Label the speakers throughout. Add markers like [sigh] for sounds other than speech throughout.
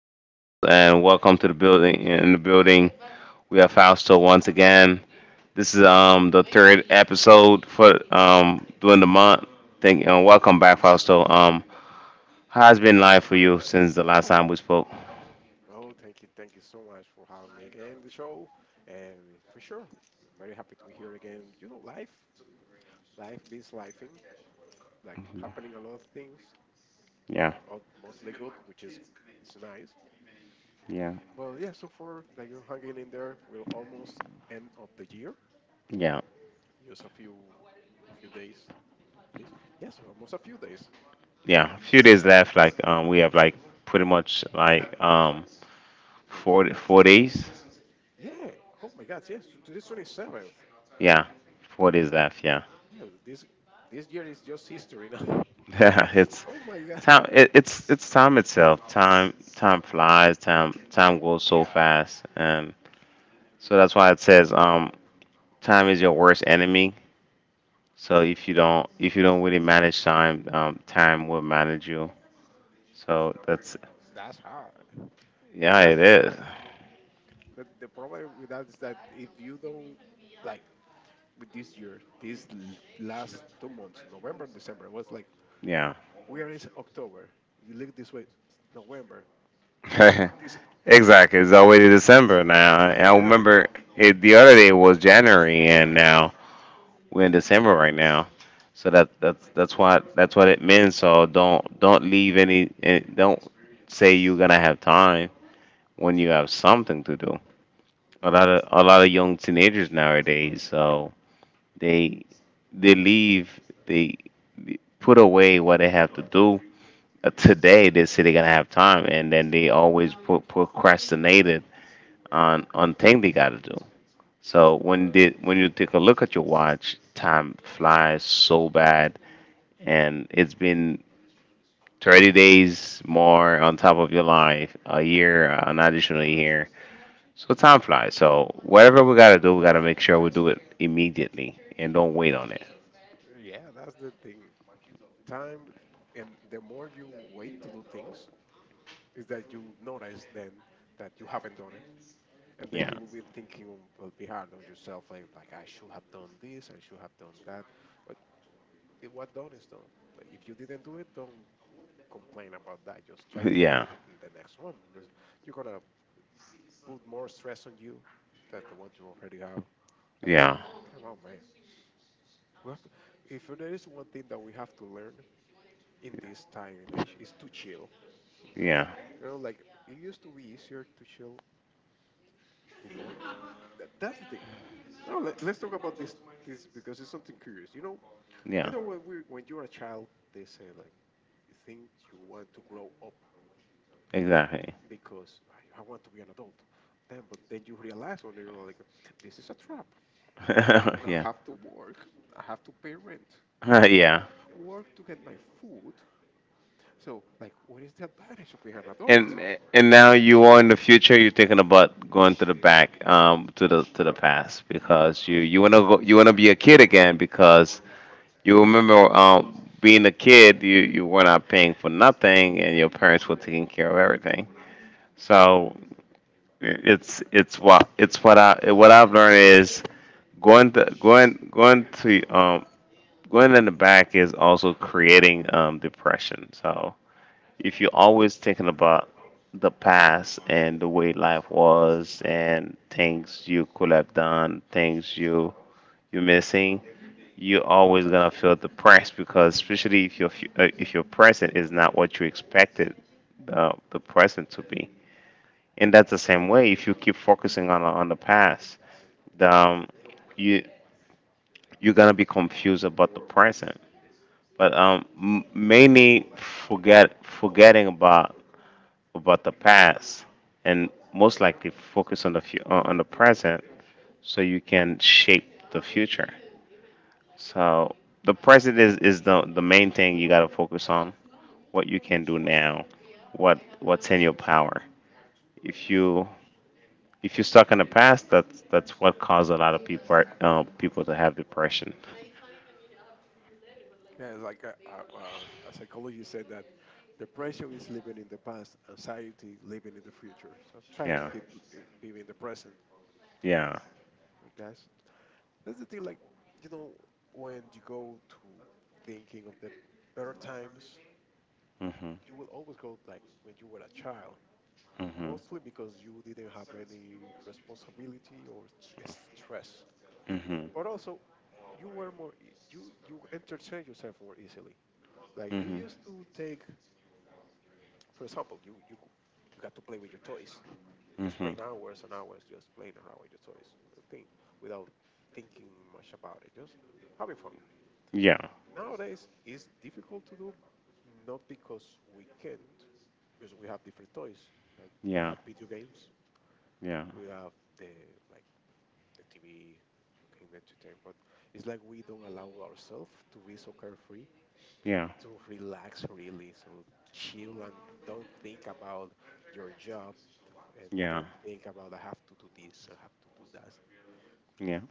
Speaker 1: to the house, and welcome to the building. In the building, we have Fausto once again. This is the third episode for during the month. Thank you, and welcome back, Fausto. How's been life for you since the last time we spoke?
Speaker 2: Oh, thank you. Thank you so much for having me again in the show. And for sure, I'm very happy to be here again. You know, life means lifing, like happening a lot of things,
Speaker 1: Yeah,
Speaker 2: all, mostly good, which is nice.
Speaker 1: yeah,
Speaker 2: Well, yeah, so far, like you're hanging in there, we're almost end of the year.
Speaker 1: yeah,
Speaker 2: Just a few days. This Yes, almost a few days.
Speaker 1: yeah. A
Speaker 2: This
Speaker 1: few
Speaker 2: year is
Speaker 1: days left.
Speaker 2: almost
Speaker 1: Like
Speaker 2: over.
Speaker 1: we have like pretty much like
Speaker 2: Like
Speaker 1: four four days.
Speaker 2: yeah, oh my God, yes, today's 27th.
Speaker 1: Yeah, 4 days left. Yeah.
Speaker 2: Yeah, this year is just history now. [laughs]
Speaker 1: [laughs] Yeah, it's
Speaker 2: Oh my God.
Speaker 1: time. It's time itself. Time flies. Time goes so
Speaker 2: Yeah,
Speaker 1: fast, and so that's why it says time is your worst enemy. So if you don't really manage time, time will manage you. So that's
Speaker 2: that's hard, and
Speaker 1: Yeah,
Speaker 2: that's
Speaker 1: it is.
Speaker 2: good. The problem with that is that if you don't, like, with this year, these last 2 months, November and December, it was like
Speaker 1: Yeah,
Speaker 2: we are in October. You look this way, it's November. Look this,
Speaker 1: [laughs]
Speaker 2: this whoa,
Speaker 1: exactly. It's already December now. I
Speaker 2: yeah.
Speaker 1: remember it the other day was January, and now we're in December right now, so that's what it means. So don't leave any, don't say you're gonna have time when you have something to do. A lot of young teenagers nowadays, so they they leave they put away what they have to do. Today they say they're gonna have time, and then they always put procrastinated on thing they gotta do. So when you take a look at your watch, time flies so bad, and it's been 30 days more on top of your life, a year, an additional year. So time flies. So whatever we gotta do, we gotta make sure we do it immediately and don't wait on it.
Speaker 2: Mm, yeah. That's the thing. Time, and the more you wait to do things, is that you notice then that you haven't done it. And then
Speaker 1: Yeah,
Speaker 2: you will be thinking will be hard on yourself and, like, I should have done this, I should have done that. But what done is done. Like if you didn't do it, don't complain about that. Just try to do
Speaker 1: [laughs] yeah,
Speaker 2: it in the next one because you're gonna put more stress on you than the one you already have. Like
Speaker 1: yeah,
Speaker 2: come on, man. We have to, if there is one thing that we have to learn in this time and age is to chill.
Speaker 1: yeah,
Speaker 2: You know, like it used to be easier to chill before. That's the thing. Now let's talk about this because it's something curious. You know, You
Speaker 1: yeah.
Speaker 2: know, when we when you're a child, they say like you think you want to grow up
Speaker 1: Exactly.
Speaker 2: because I want to be an adult. Then, but then you realize when you're like, this is a trap.
Speaker 1: [laughs]
Speaker 2: Now I
Speaker 1: yeah.
Speaker 2: have to work. I have to pay rent, and I
Speaker 1: Yeah.
Speaker 2: work to get my food. So, like, what is the advantage of being an adult?
Speaker 1: And now you are in the future. You're thinking about going to the back, to the past because you wanna go, you wanna be a kid again because you remember being a kid, you were not paying for nothing, and your parents were taking care of everything. So it's what I what I've learned is going to going going to um, going in the back is also creating depression. So if you're always thinking about the past and the way life was and things you could have done, things you're missing, you're always gonna feel depressed, because especially if your present is not what you expected the present to be, and that's the same way if you keep focusing on the past. The, um, you you're gonna be confused about the present. But mainly forgetting about the past, and most likely focus on the present so you can shape the future. So the present is the main thing you gotta focus on. What you can do now, what's in your power. If you if you're stuck in the past, that's what caused a lot of people to have depression.
Speaker 2: Yeah, it's like a psychologist said that depression is living in the past, anxiety living in the future. So try to
Speaker 1: Yeah,
Speaker 2: keep being in the present.
Speaker 1: yeah.
Speaker 2: That's That's the thing, like, you know, when you go to thinking of the better times,
Speaker 1: Mhm,
Speaker 2: you will always go like when you were a child,
Speaker 1: mhm,
Speaker 2: mostly because you didn't have any responsibility or stress.
Speaker 1: mhm,
Speaker 2: But also, you were more, e- you entertain yourself more easily. Like you
Speaker 1: mhm,
Speaker 2: used to take, for example, you got to play with your toys, just
Speaker 1: mhm.
Speaker 2: spend hours and hours just playing around with your toys and thing without thinking much about it, just having fun.
Speaker 1: Yeah,
Speaker 2: Nowadays, it's difficult to do, not because we can't, because we have different toys. Like we
Speaker 1: yeah,
Speaker 2: have video games,
Speaker 1: yeah,
Speaker 2: we have the like the TV, you can entertain, but it's like we don't allow ourselves to be so carefree,
Speaker 1: yeah,
Speaker 2: to relax really, so chill and don't think about your job and
Speaker 1: yeah,
Speaker 2: don't think about I have to do this, I have to do that.
Speaker 1: yeah.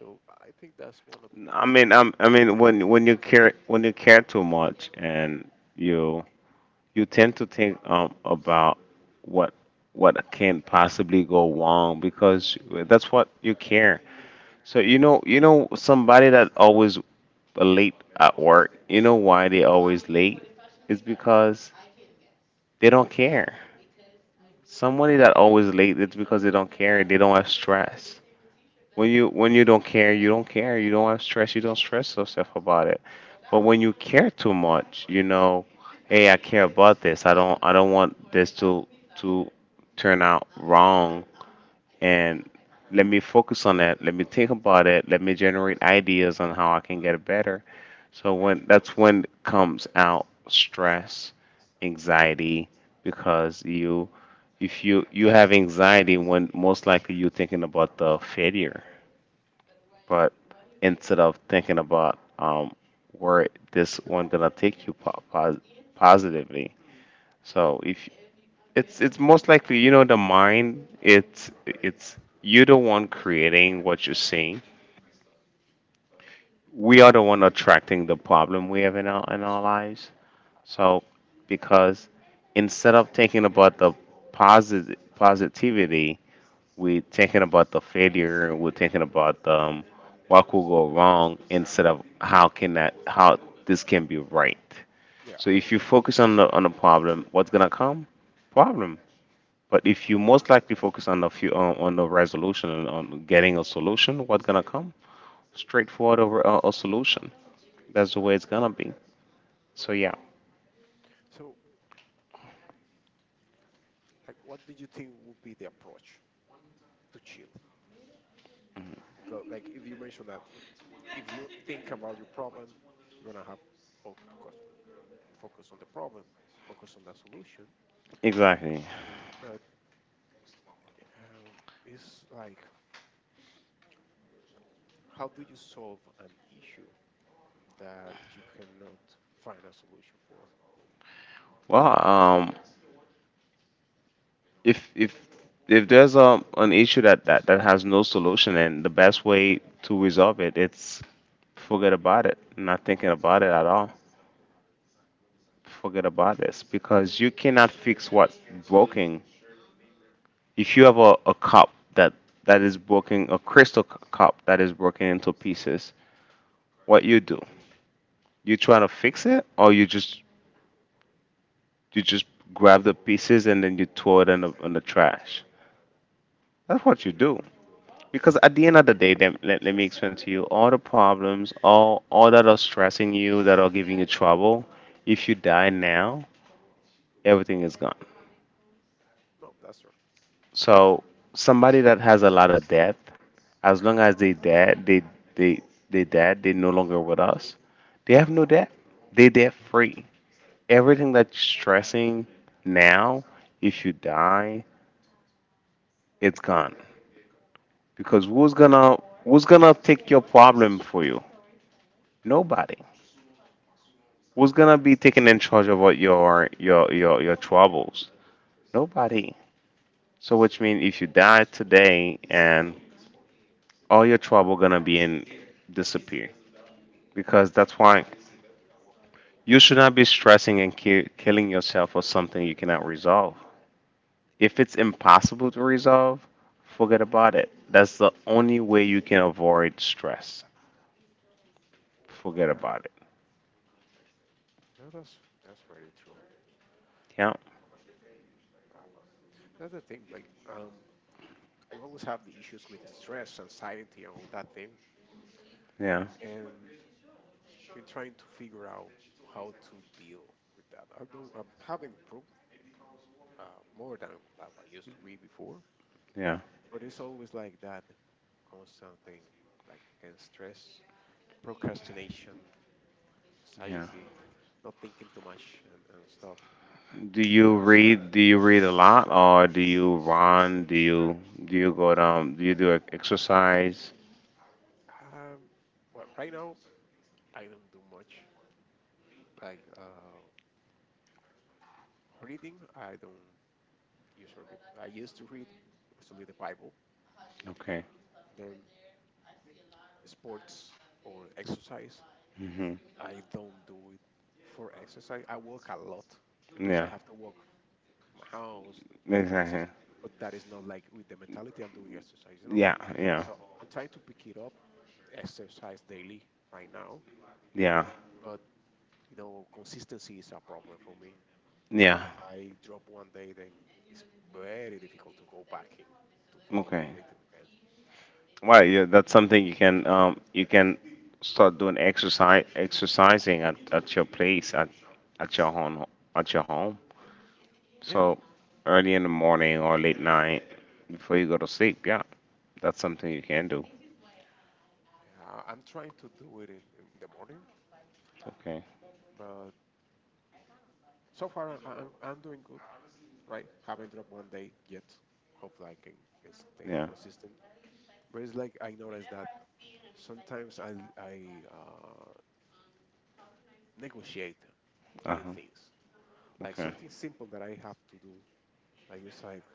Speaker 2: So I think that's one of the
Speaker 1: I
Speaker 2: biggest things.
Speaker 1: mean, when when you care too much, and you you tend to think about what what can possibly go wrong because that's what you care. So you know somebody that always late at work. You know why they always late? It's because they don't care.
Speaker 2: Mhm,
Speaker 1: Somebody that always late, it's because they don't care. They don't have stress. When you don't care, you don't care. You don't have stress. You don't stress yourself about it. But when you care too much, you know, hey, I care about this. I don't want this to turn out wrong. And let me focus on that. Let me think about it. Let me generate ideas on how I can get it better. So when that's when comes out stress, anxiety, because you if you have anxiety when most likely you're thinking about the failure, but instead of thinking about where this one gonna take you positively.
Speaker 2: mhm.
Speaker 1: So if it's most likely, you know, the mind, it's you the one creating what you're seeing. We are the one attracting the problem we have in our lives. So because instead of thinking about the positive positivity, we're thinking about the failure. We're thinking about what could go wrong instead of how this can be right.
Speaker 2: Yeah.
Speaker 1: So if you focus on the problem, what's gonna come? Problem. But if you most likely focus on the few, on the resolution and on getting a solution, what's gonna come? Straightforward, over a solution. That's the way it's gonna be. So yeah,
Speaker 2: So, like, what do you think would be the approach to chill? Because, like, if you mentioned that, if you think about your problem, you're gonna have, of course, focus on the problem, focus on the solution.
Speaker 1: exactly.
Speaker 2: But um, it's like, how do you solve an issue that you cannot find a solution for?
Speaker 1: Well, if if if there's a an issue that has no solution, and the best way to resolve it's forget about it, not thinking about it at all. Forget about this, because you cannot fix what's broken. If you have a cup that is broken, a crystal cup that is broken into pieces, what you do? You try to fix it, or you just grab the pieces and then you throw it in the trash. That's what you do.
Speaker 2: Mhm.
Speaker 1: Because at the end of the day, let me explain to you, all the problems, all that are stressing you, that are giving you trouble. If you die now, everything is gone.
Speaker 2: No, that's true.
Speaker 1: So somebody that has a lot of debt, as long as they dead, they they dead, they no longer with us. They have no debt. They debt free. Everything that's stressing now, if you die, it's gone. Because who's gonna take your problem for you? Nobody. Who's gonna be taking in charge of what your troubles? Nobody. So which means if you die today and all your trouble gonna be in disappear, because that's why you should not be stressing and killing yourself for something you cannot resolve. If it's impossible to resolve, forget about it. That's the only way you can avoid stress. Forget
Speaker 2: Yeah,
Speaker 1: about it.
Speaker 2: yeah, that's very true.
Speaker 1: Yeah,
Speaker 2: Uh, that's the thing. Like, I always have the issues with the stress, anxiety, and all that thing,
Speaker 1: yeah,
Speaker 2: and been trying to figure out how to deal with that. Although I'm having improved more than that I used to be before,
Speaker 1: yeah,
Speaker 2: but it's always like that constant thing, like against stress, procrastination,
Speaker 1: yeah.
Speaker 2: anxiety, not thinking too much, and stuff.
Speaker 1: Do you read? Do you read a lot, or do you run? Do you go down? Do you do exercise?
Speaker 2: Um, well, right now I don't do much. Like reading, I don't usually read. I used to read, mostly the Bible,
Speaker 1: Okay.
Speaker 2: then sports or exercise.
Speaker 1: Hmm.
Speaker 2: I don't do it for exercise. I walk a lot because I
Speaker 1: Yeah.
Speaker 2: have to walk my house, the places,
Speaker 1: Exactly.
Speaker 2: but that is not like with the mentality I'm doing exercise, you know?
Speaker 1: Yeah. Yeah.
Speaker 2: So I'm trying to pick it up, exercise daily right now,
Speaker 1: Yeah.
Speaker 2: but you know, consistency is a problem for me.
Speaker 1: Yeah.
Speaker 2: If I drop one day, then it's very difficult to go back in to follow the
Speaker 1: Okay.
Speaker 2: rhythm again.
Speaker 1: Well, yeah, that's something you can start doing exercise exercising at your place at your home at your home.
Speaker 2: Yeah, th-
Speaker 1: So early in the morning or late night before you go to sleep. Yeah, that's something you can do.
Speaker 2: I- I'm trying to do it in the morning,
Speaker 1: Okay.
Speaker 2: but so far I'm doing good. Right? Haven't dropped one day yet. Hopefully, I can stay
Speaker 1: Yeah.
Speaker 2: consistent. But it's like I notice that sometimes I negotiate doing
Speaker 1: Uh
Speaker 2: things, like
Speaker 1: huh.
Speaker 2: something simple that I have to do. I just like,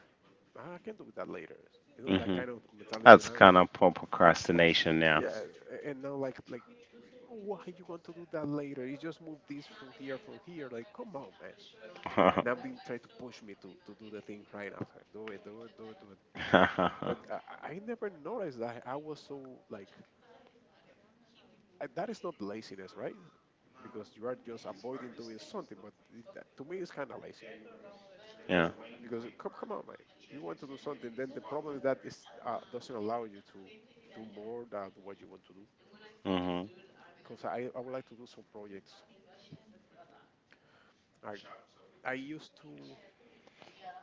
Speaker 2: "Ah, I can do that later," you know, that
Speaker 1: Hmm.
Speaker 2: kind of mentality. And
Speaker 1: That's
Speaker 2: I was
Speaker 1: kind
Speaker 2: like,
Speaker 1: of poor procrastination now.
Speaker 2: yeah, and now, like, why you want to do that later? You just move this from here. Like come on, man. And I've
Speaker 1: [laughs]
Speaker 2: been trying to push me to do the thing right now. It's like, do it, do it, do it, do it. But I never noticed that I was that is not laziness, right? Because you are just avoiding doing something. But to me, it's kind of lazy
Speaker 1: yeah.
Speaker 2: because come on, man, you want to do something, then the problem is that it doesn't allow you to do more than what you want to do.
Speaker 1: Hmm.
Speaker 2: Because I would like to do some projects. I I used to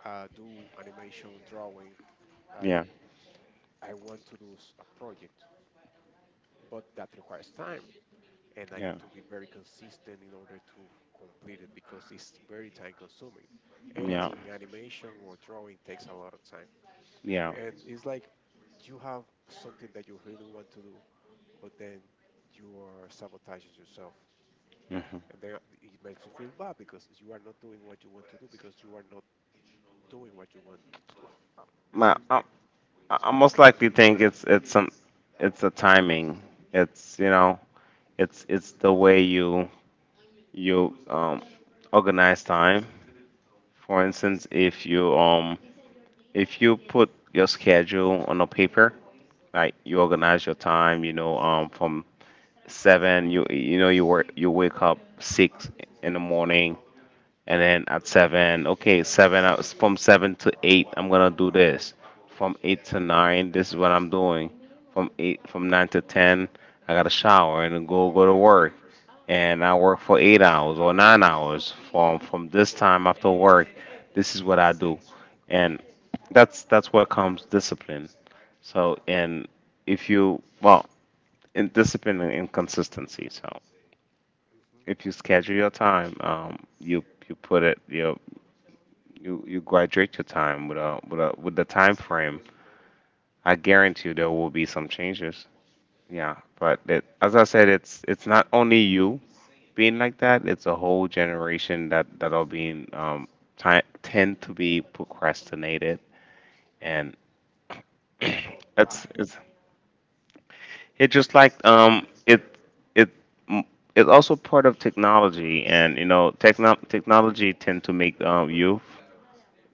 Speaker 2: do animation, drawing. I
Speaker 1: Yeah.
Speaker 2: I want to do a project, but that requires time, and I
Speaker 1: Yeah.
Speaker 2: need to be very consistent in order to complete it because it's very time consuming.
Speaker 1: Yeah.
Speaker 2: Anything animation or drawing takes a lot of time,
Speaker 1: Yeah.
Speaker 2: and it's like you have something that you really want to do, but then you are sabotaging yourself.
Speaker 1: Hmm.
Speaker 2: And then it makes you feel bad because you are not doing what you want to do because you are not doing what you want to do. [laughs] It's
Speaker 1: My,
Speaker 2: just
Speaker 1: I,
Speaker 2: like,
Speaker 1: I most likely think it's a timing. It's, you know, it's the way you organize time. For instance, if you put your schedule on a paper, like you organize your time. You know, from seven, you know, you work, you wake up 6 in the morning, and then at seven, okay, seven, I, from 7 to 8 I'm gonna do this, from 8 to 9 this is what I'm doing, from nine
Speaker 2: hmm
Speaker 1: to ten I gotta shower and go to work, and I work for 8 hours or 9 hours. From this time after work, this is what I do. And that's where comes discipline. So, and if you, well, in discipline and consistency, so
Speaker 2: hmm
Speaker 1: if you schedule your time, you you put it, you graduate your time with a with a with the time frame. I guarantee you there will be some changes. Yeah, but it, as I said, it's not only you being like that. It's a whole generation that are being ti tend to be procrastinated, and [clears throat]
Speaker 2: but why?
Speaker 1: it's it just like it m- it's also part of technology, and you know, technology tend to make youth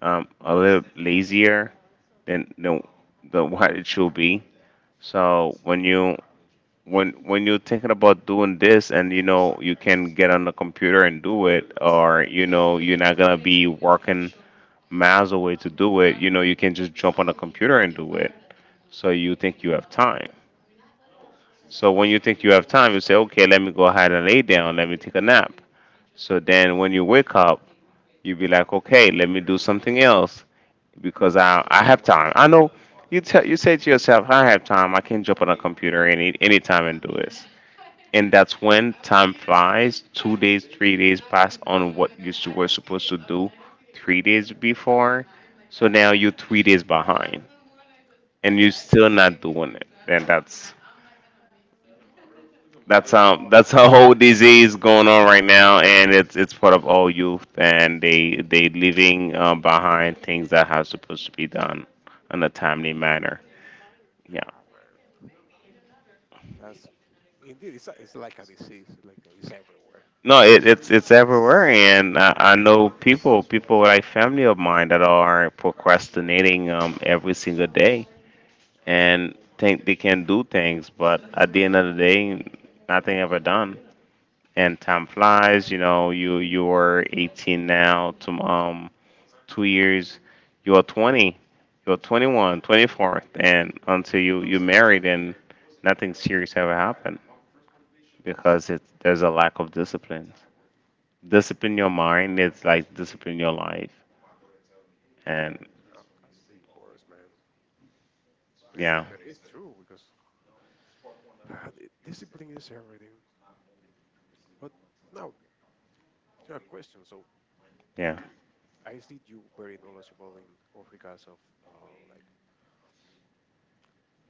Speaker 1: a little lazier than the what it should be. So when you're thinking about doing this, and you know you can get on the computer and do it, or you know you're not gonna be working miles away to do it, you know you can just jump on the computer and do it. So you think you have time. So when you think you have time, you say, okay, let me go ahead and lay down, let me take a nap. So then when you wake up, you be like, okay, let me do something else, because I have time. I know, you say to yourself, I have time. I can jump on a computer any time and do this. And
Speaker 2: hmm
Speaker 1: that's when time flies. 2 days, 3 days pass on what you were supposed to do 3 days before. So now you're 3 days behind, and you're
Speaker 2: Yeah,
Speaker 1: still not doing it. And that's that's
Speaker 2: that's
Speaker 1: um that's a whole disease going on right now, and it's part of all youth, and they leaving behind things that are supposed to be done in a timely manner. Yeah.
Speaker 2: man. That's indeed. It's like a disease. Like it's everywhere.
Speaker 1: No, it's everywhere, and I know people like family of mine that are procrastinating, every single day and think they can do things, but at the end of the day, nothing ever done. And time flies. You know, you're 18 now. To 2 years, you're 20, you're 21, 24, and until you married, and nothing serious ever happened because there's a lack of discipline. Discipline your mind. It's like discipline your life. And
Speaker 2: Oh, that's the worst, man. And
Speaker 1: yeah,
Speaker 2: it, but it's true because the discipline is everything. But now a question. So
Speaker 1: yeah.
Speaker 2: I see you very knowledgeable in all regards of like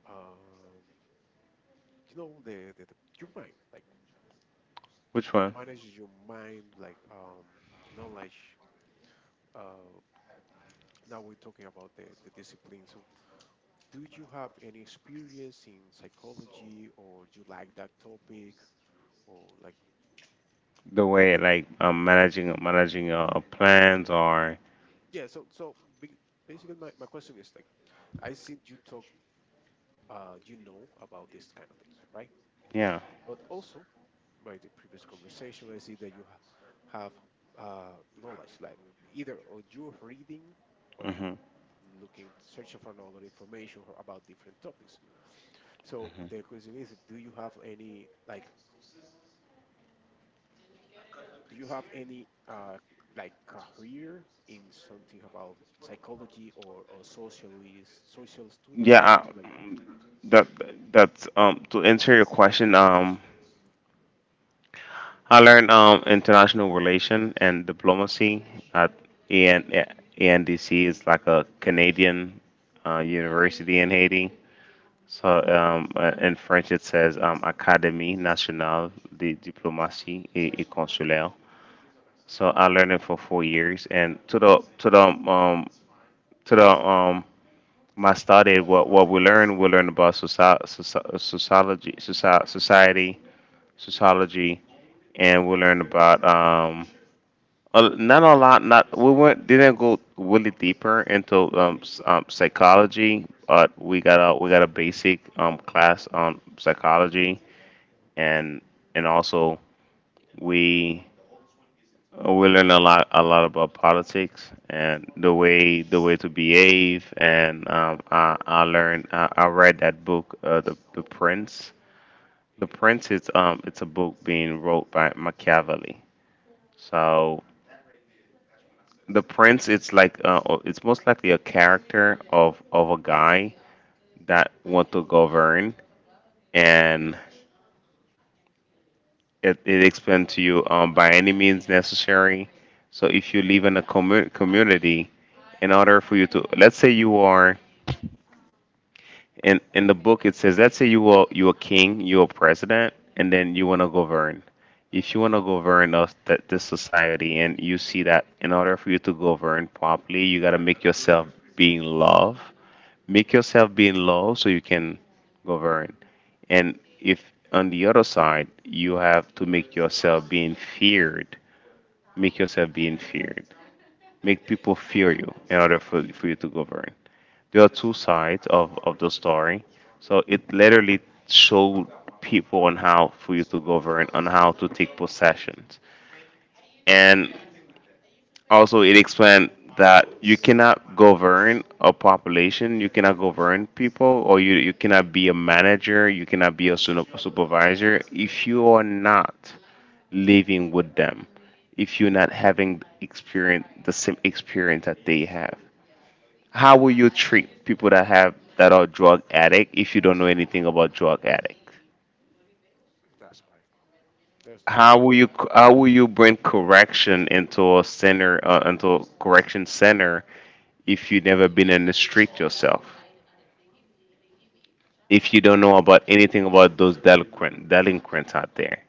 Speaker 2: um, you know, the your mind, like
Speaker 1: Which one?
Speaker 2: manages your mind, like knowledge. Uh, Now we're talking about the discipline. So, do you have any experience in psychology, or you like that topic? Or like,
Speaker 1: The way like, managing your plans or
Speaker 2: yeah, so basically my question is like, I seen you talk, you know, about these kind of things, right?
Speaker 1: yeah.
Speaker 2: But also by the previous conversation, I see that you ha have uh, knowledge, like either or you're reading or you
Speaker 1: Hmm.
Speaker 2: looking, searching for another information or about different topics. So the question is, do you have any like career in something about psychology, or social studies
Speaker 1: Yeah.
Speaker 2: or something like that?
Speaker 1: That that's to answer your question. I learned international relation and diplomacy at AN, ANDC. It's like a Canadian university in Haiti. So in French it says, Académie Nationale de Diplomatie, et Consulaire. So I learned it for 4 years, and to the my study. What we learn, about sociology, society, sociology. And we learn about, not a lot. Not we weren't didn't go really deeper into, psychology, but we got a basic class on psychology.
Speaker 2: Mhm.
Speaker 1: And and also, we we learn a lot about politics and the way to behave. And, I read that book, The Prince. The Prince is, it's a book being wrote by Machiavelli. So the Prince, it's like, it's most likely a character of a guy that want to govern. And it explained to you, by any means necessary. So if you live in a community, in order for you to, let's say you are in the book it says, let's say you are king, you are president, and then you want to govern. If you want to govern us, that this society, and you see that in order for you to govern properly, you got to make yourself being loved, make yourself be in love, so you can govern. And if on the other side you have to make yourself being feared, make yourself being feared, make people fear you in order for you to govern. There are two sides of the story,
Speaker 2: Mm,
Speaker 1: so it
Speaker 2: okay.
Speaker 1: literally showed people on how for you to govern, on how to take possessions. And also, it explained that you cannot govern a population, you cannot govern people, or you cannot be a manager, you cannot be a supervisor if you are not living with them, if you're not having experience, the same experience that they have. How will you treat people that are drug addict if you don't know anything about drug addict?
Speaker 2: That's all right. There's no way.
Speaker 1: How will you bring correction into a correction center if you've never been in the street yourself, if you don't know about anything about those delinquents out there.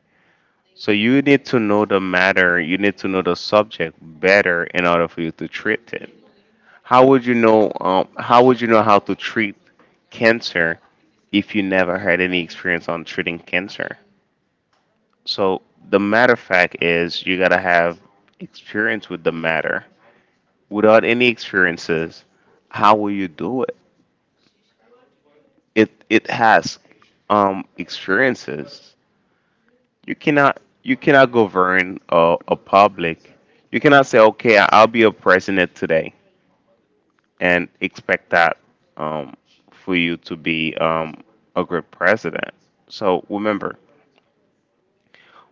Speaker 1: So you need to know the matter, you need to know the subject better in order for you to treat it. How would you know? How would you know how to treat cancer if you never had any experience on treating cancer? So the matter of fact is, you gotta have experience with the matter. Without any experiences, how will you do it? It has, experiences. You cannot govern a public. You cannot say, okay, I'll be a president today and expect that, um for you to be, a good president. So remember,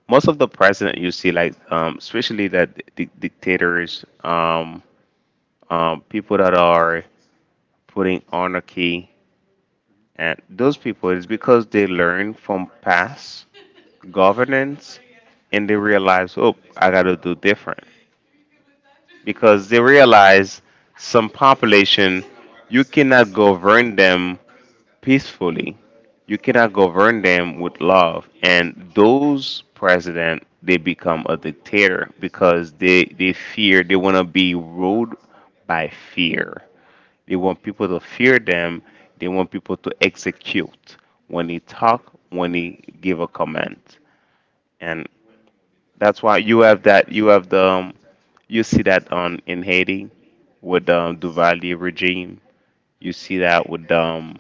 Speaker 1: most of the president you see, like, especially that dictators, people that are putting anarchy,
Speaker 2: Mhm.
Speaker 1: and those people is because they learn from past governance, and they realize, oh, I got to do different.
Speaker 2: Mhm.
Speaker 1: Because they realize, some population, you cannot govern them peacefully. You cannot govern them with love. And those president, they become a dictator because they fear, they want to be ruled by fear. They want people to fear them. They want people to execute when they talk, when they give a comment. And that's why you have that. You have the. You see that on in Haiti with, Duvalier regime. You see that with, um,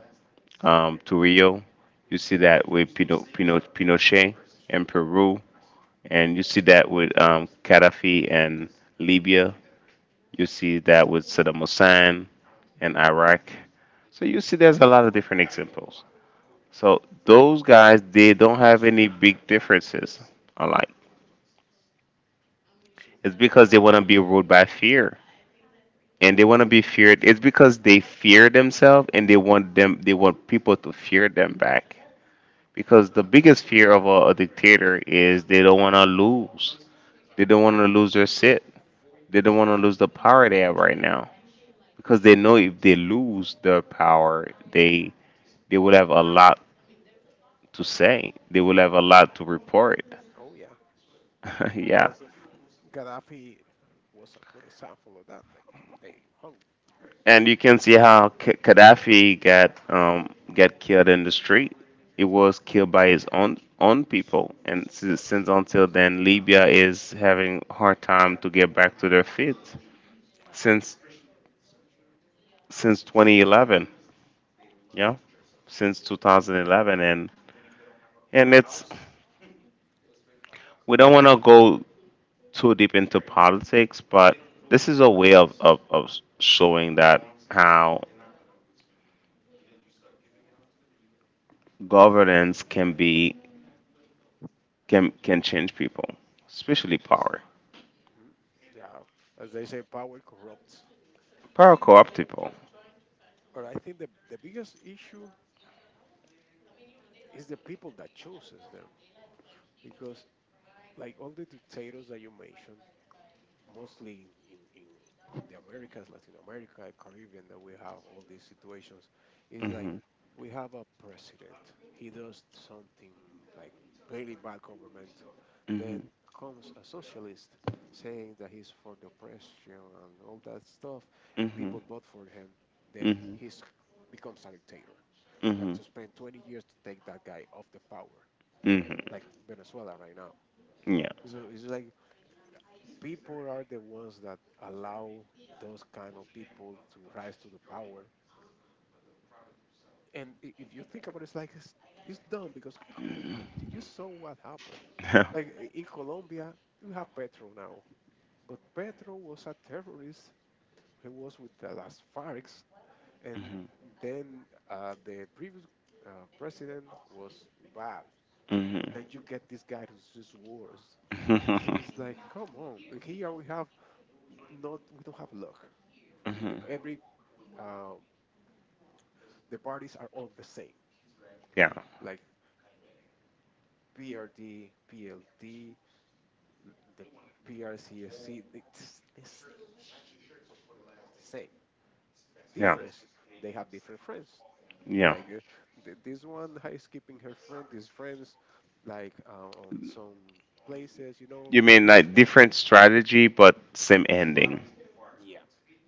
Speaker 1: um, Turillo. You
Speaker 2: Mhm.
Speaker 1: see that with Pinochet in
Speaker 2: Sure.
Speaker 1: Peru, and you see that with, Gaddafi and Libya. You see that with Saddam Hussein and Iraq. So you see, there's a lot of different examples. So those guys, they don't have any big differences alike.
Speaker 2: So,
Speaker 1: It's because they want to be ruled by fear, and they want to be feared. It's because they fear themselves, and they want people to fear them back, because the biggest fear of a dictator is, they don't want to lose, they don't want to lose their sit they don't want to lose the power they have right now. Because they know if they lose their power, they would have a lot to say, they will have a lot to report.
Speaker 2: oh yeah.
Speaker 1: [laughs] Yeah.
Speaker 2: That's- Gaddafi was a good example of that. Like they hung.
Speaker 1: And you can see how Gaddafi got killed in the street. He was killed by his own people, and since until then, Libya is having hard time to get back to their feet
Speaker 2: Yeah.
Speaker 1: since since 2011. Yeah, since 2011, and it's we don't want to go too deep into politics, but this is a way of showing that, how governance can be can change people, especially power.
Speaker 2: Mhm. Yeah. As they say, power corrupts.
Speaker 1: Power co-opt people.
Speaker 2: But I think the biggest issue, it's the people that chooses them because, like, all the dictators that you mentioned, mostly in, the Americas, Latin America, Caribbean, that we have all these situations is like
Speaker 1: Hmm.
Speaker 2: we have a president. He does something like very bad government.
Speaker 1: Hmm.
Speaker 2: Then comes a socialist saying that he's for the oppression and all that stuff.
Speaker 1: Hmm.
Speaker 2: People vote for him, then
Speaker 1: Hmm.
Speaker 2: he becomes a dictator. We have
Speaker 1: Hmm.
Speaker 2: to spend 20 years to take that guy off the power,
Speaker 1: Hmm.
Speaker 2: like Venezuela right now.
Speaker 1: Yeah.
Speaker 2: So it's like people are the ones that allow those kind of people to rise to the power. And if you think about it, it's like it's dumb because come on, but you saw what happened.
Speaker 1: [laughs]
Speaker 2: Like in Colombia, we have Petro now, but Petro was a terrorist. He was with the Las Farcs, and
Speaker 1: Mm-hmm.
Speaker 2: then the previous uh, president was bad.
Speaker 1: Hmm.
Speaker 2: But then you get this guy who's just worse. So
Speaker 1: Hmm.
Speaker 2: it's
Speaker 1: [laughs]
Speaker 2: like, come on. And here we have not we don't have luck. With the- every um, the parties are all the same,
Speaker 1: Yeah,
Speaker 2: like PRD, PLD, the PRCSC. It's the same shit, same
Speaker 1: yeah,
Speaker 2: difference. They have different friends.
Speaker 1: yeah.
Speaker 2: Like this one is keeping her friend, these friends, like on some places, you know,
Speaker 1: You
Speaker 2: the
Speaker 1: mean like different strategy but same ending.
Speaker 2: yeah,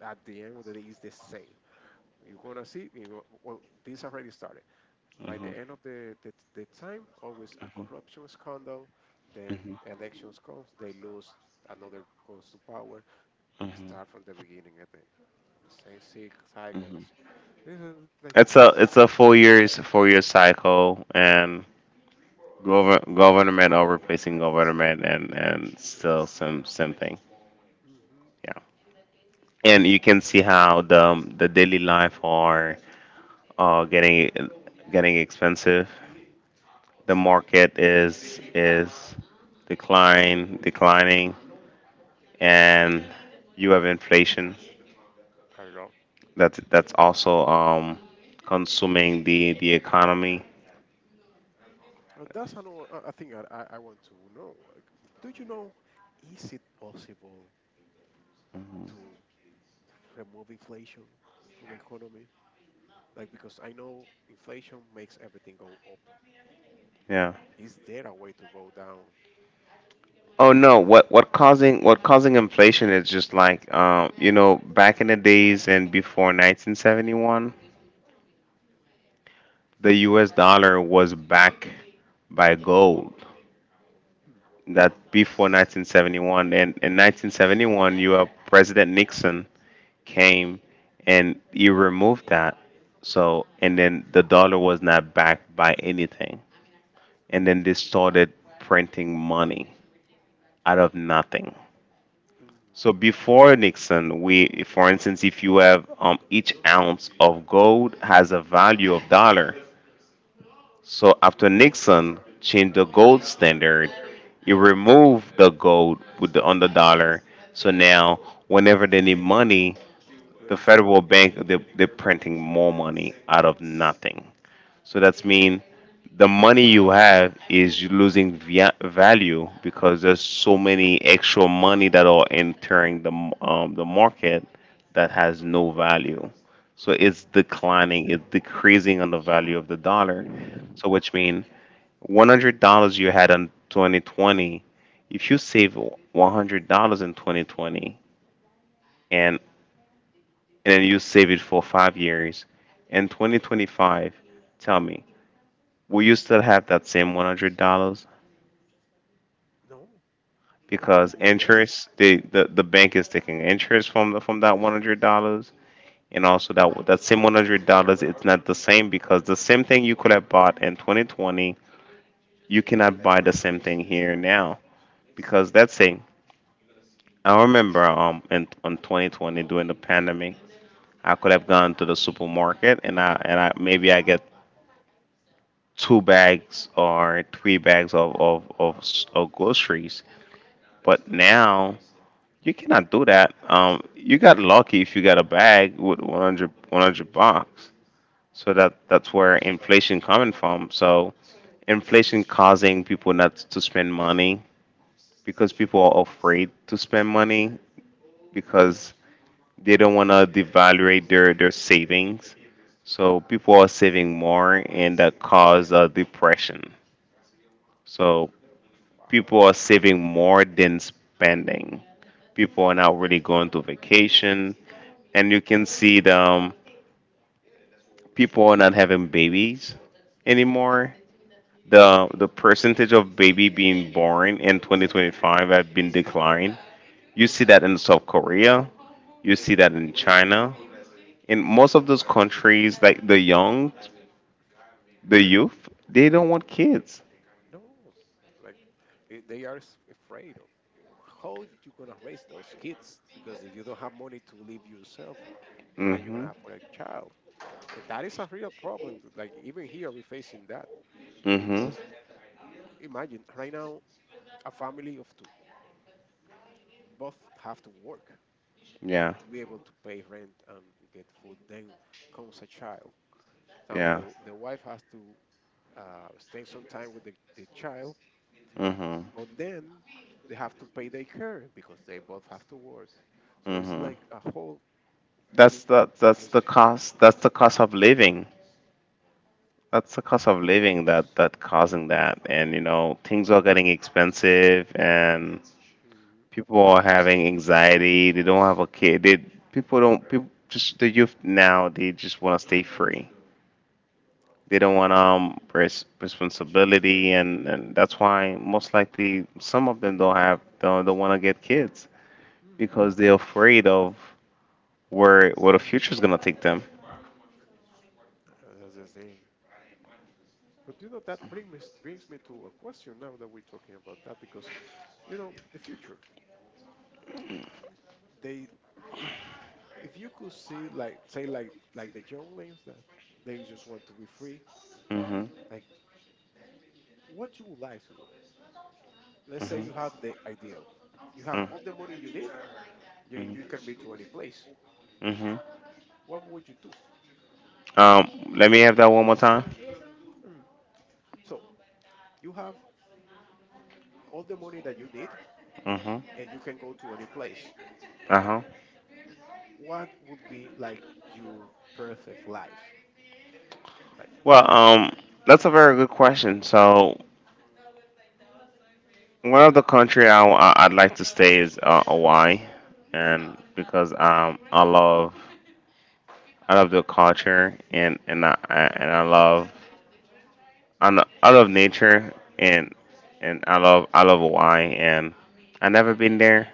Speaker 2: at the end of the day, it's the same. You're gonna see. You go, well, this already started. By the end
Speaker 1: Hmm.
Speaker 2: of the time, always a corruption scandal, then
Speaker 1: Hmm.
Speaker 2: elections comes, they lose, another goes to power,
Speaker 1: Hmm.
Speaker 2: start from the beginning at the same sick cycle.
Speaker 1: Hmm.
Speaker 2: This is like,
Speaker 1: It's a 4 year cycle, and government or replacing government, and still some same thing.
Speaker 2: mm-hmm,
Speaker 1: Yeah. And you can see how the daily life are, uh, getting getting expensive. The market is decline declining, and you have inflation.
Speaker 2: I know.
Speaker 1: That's also, consuming the economy.
Speaker 2: That's another a thing I want to know. Do you know, is it possible to remove inflation from the economy? Like, because I know inflation makes everything go up.
Speaker 1: Yeah.
Speaker 2: Is there a way to go down?
Speaker 1: Oh no! What causing inflation is just like, back in the days and before 1971, the U.S. dollar was backed by gold,
Speaker 2: Mm.
Speaker 1: that before 1971. And in 1971, you have president Nixon came, and he removed that. So and then the dollar was not backed by anything, and then they started printing money out of nothing.
Speaker 2: Mm.
Speaker 1: So before Nixon, we for instance, if you have, each ounce of gold has a value of dollar. So after Nixon changed the gold standard, he removed the gold with the on the dollar. So now, whenever they need money,
Speaker 2: Where
Speaker 1: the
Speaker 2: you spend?
Speaker 1: federal bank, they're printing more money out of nothing. So that's mean, the money you have is losing via value, because there's so many extra money that are entering the market, that has no value. So it's declining, it's decreasing on the value of the dollar. So which means, $100 you had in 2020, if you save $100 in 2020 and and then you save it for 5 years in 2025, tell me, will you still have that same $100?
Speaker 2: No, no, it'll
Speaker 1: Because
Speaker 2: be less.
Speaker 1: interest, the bank is taking interest from that $100. And also, that same $100, it's not the same, because the same thing you could have bought in 2020, you cannot buy the same thing here now. Because that's it. I remember, in 2020, during the pandemic, I could have gone to the supermarket, and I maybe I get two bags or three bags of groceries. But now you
Speaker 2: No.
Speaker 1: cannot do that. You got lucky if you got a bag with 100 bucks. So that's where inflation coming from. So inflation causing people not to spend money, because people are afraid to spend money, because they don't want to devaluate their savings.
Speaker 2: Mhm.
Speaker 1: So people are saving more, and that causes, depression. So
Speaker 2: Wow.
Speaker 1: people are saving more than spending. People are not really going to vacation, and you can see the people are not having babies anymore. The percentage of baby being born in 2025 have been declined. You see that in South Korea. You see that in China. In most of those countries, like the youth, they don't want kids.
Speaker 2: No, like they are afraid of how you gonna raise those kids because if you don't have money to live yourself, how you
Speaker 1: Hmm.
Speaker 2: gonna have for a child? And that is a real problem. Like even here, we're facing that
Speaker 1: Hmm.
Speaker 2: because imagine right now a family of two, both have to work,
Speaker 1: Yeah.
Speaker 2: be able to pay rent and get food. Then comes a child. Now
Speaker 1: Yeah.
Speaker 2: the wife has to staying some time with the child,
Speaker 1: Hmm.
Speaker 2: but then they have to pay their care because they both have to work. So it's
Speaker 1: Hmm.
Speaker 2: like a whole thing
Speaker 1: That's the
Speaker 2: complication.
Speaker 1: cost. That's the cost of living. That's the cost of living that that causing that. And you know, things are getting expensive, and
Speaker 2: Mhm.
Speaker 1: people are having anxiety. They don't have a kid. They people don't people just the youth now. They just want to stay free. They don't want responsibility, and that's why most likely some of them don't have don't want to get kids because they're afraid of where the future's gonna take them.
Speaker 2: That's the same. But you know that brings me to a question now that we're talking about that because you know the future. They if if you could see like say like the younglings that they just want to be free,
Speaker 1: Hmm.
Speaker 2: like what you would like to do. Let's say you have
Speaker 1: Hmm.
Speaker 2: the ideal. You have
Speaker 1: Hmm.
Speaker 2: all the money you need, you can be to any place.
Speaker 1: Hmm.
Speaker 2: What would you do?
Speaker 1: Um, Let me have that one more time.
Speaker 2: Mm. So you have all the money that you need
Speaker 1: Hmm.
Speaker 2: and you can go to any place.
Speaker 1: Uh huh.
Speaker 2: What would be like your perfect life? Like,
Speaker 1: Well, that's a very good question. So, one of the country I'd like to stay is Hawaii, and because I love the culture and and I love I love nature and and I love Hawaii and I never been there,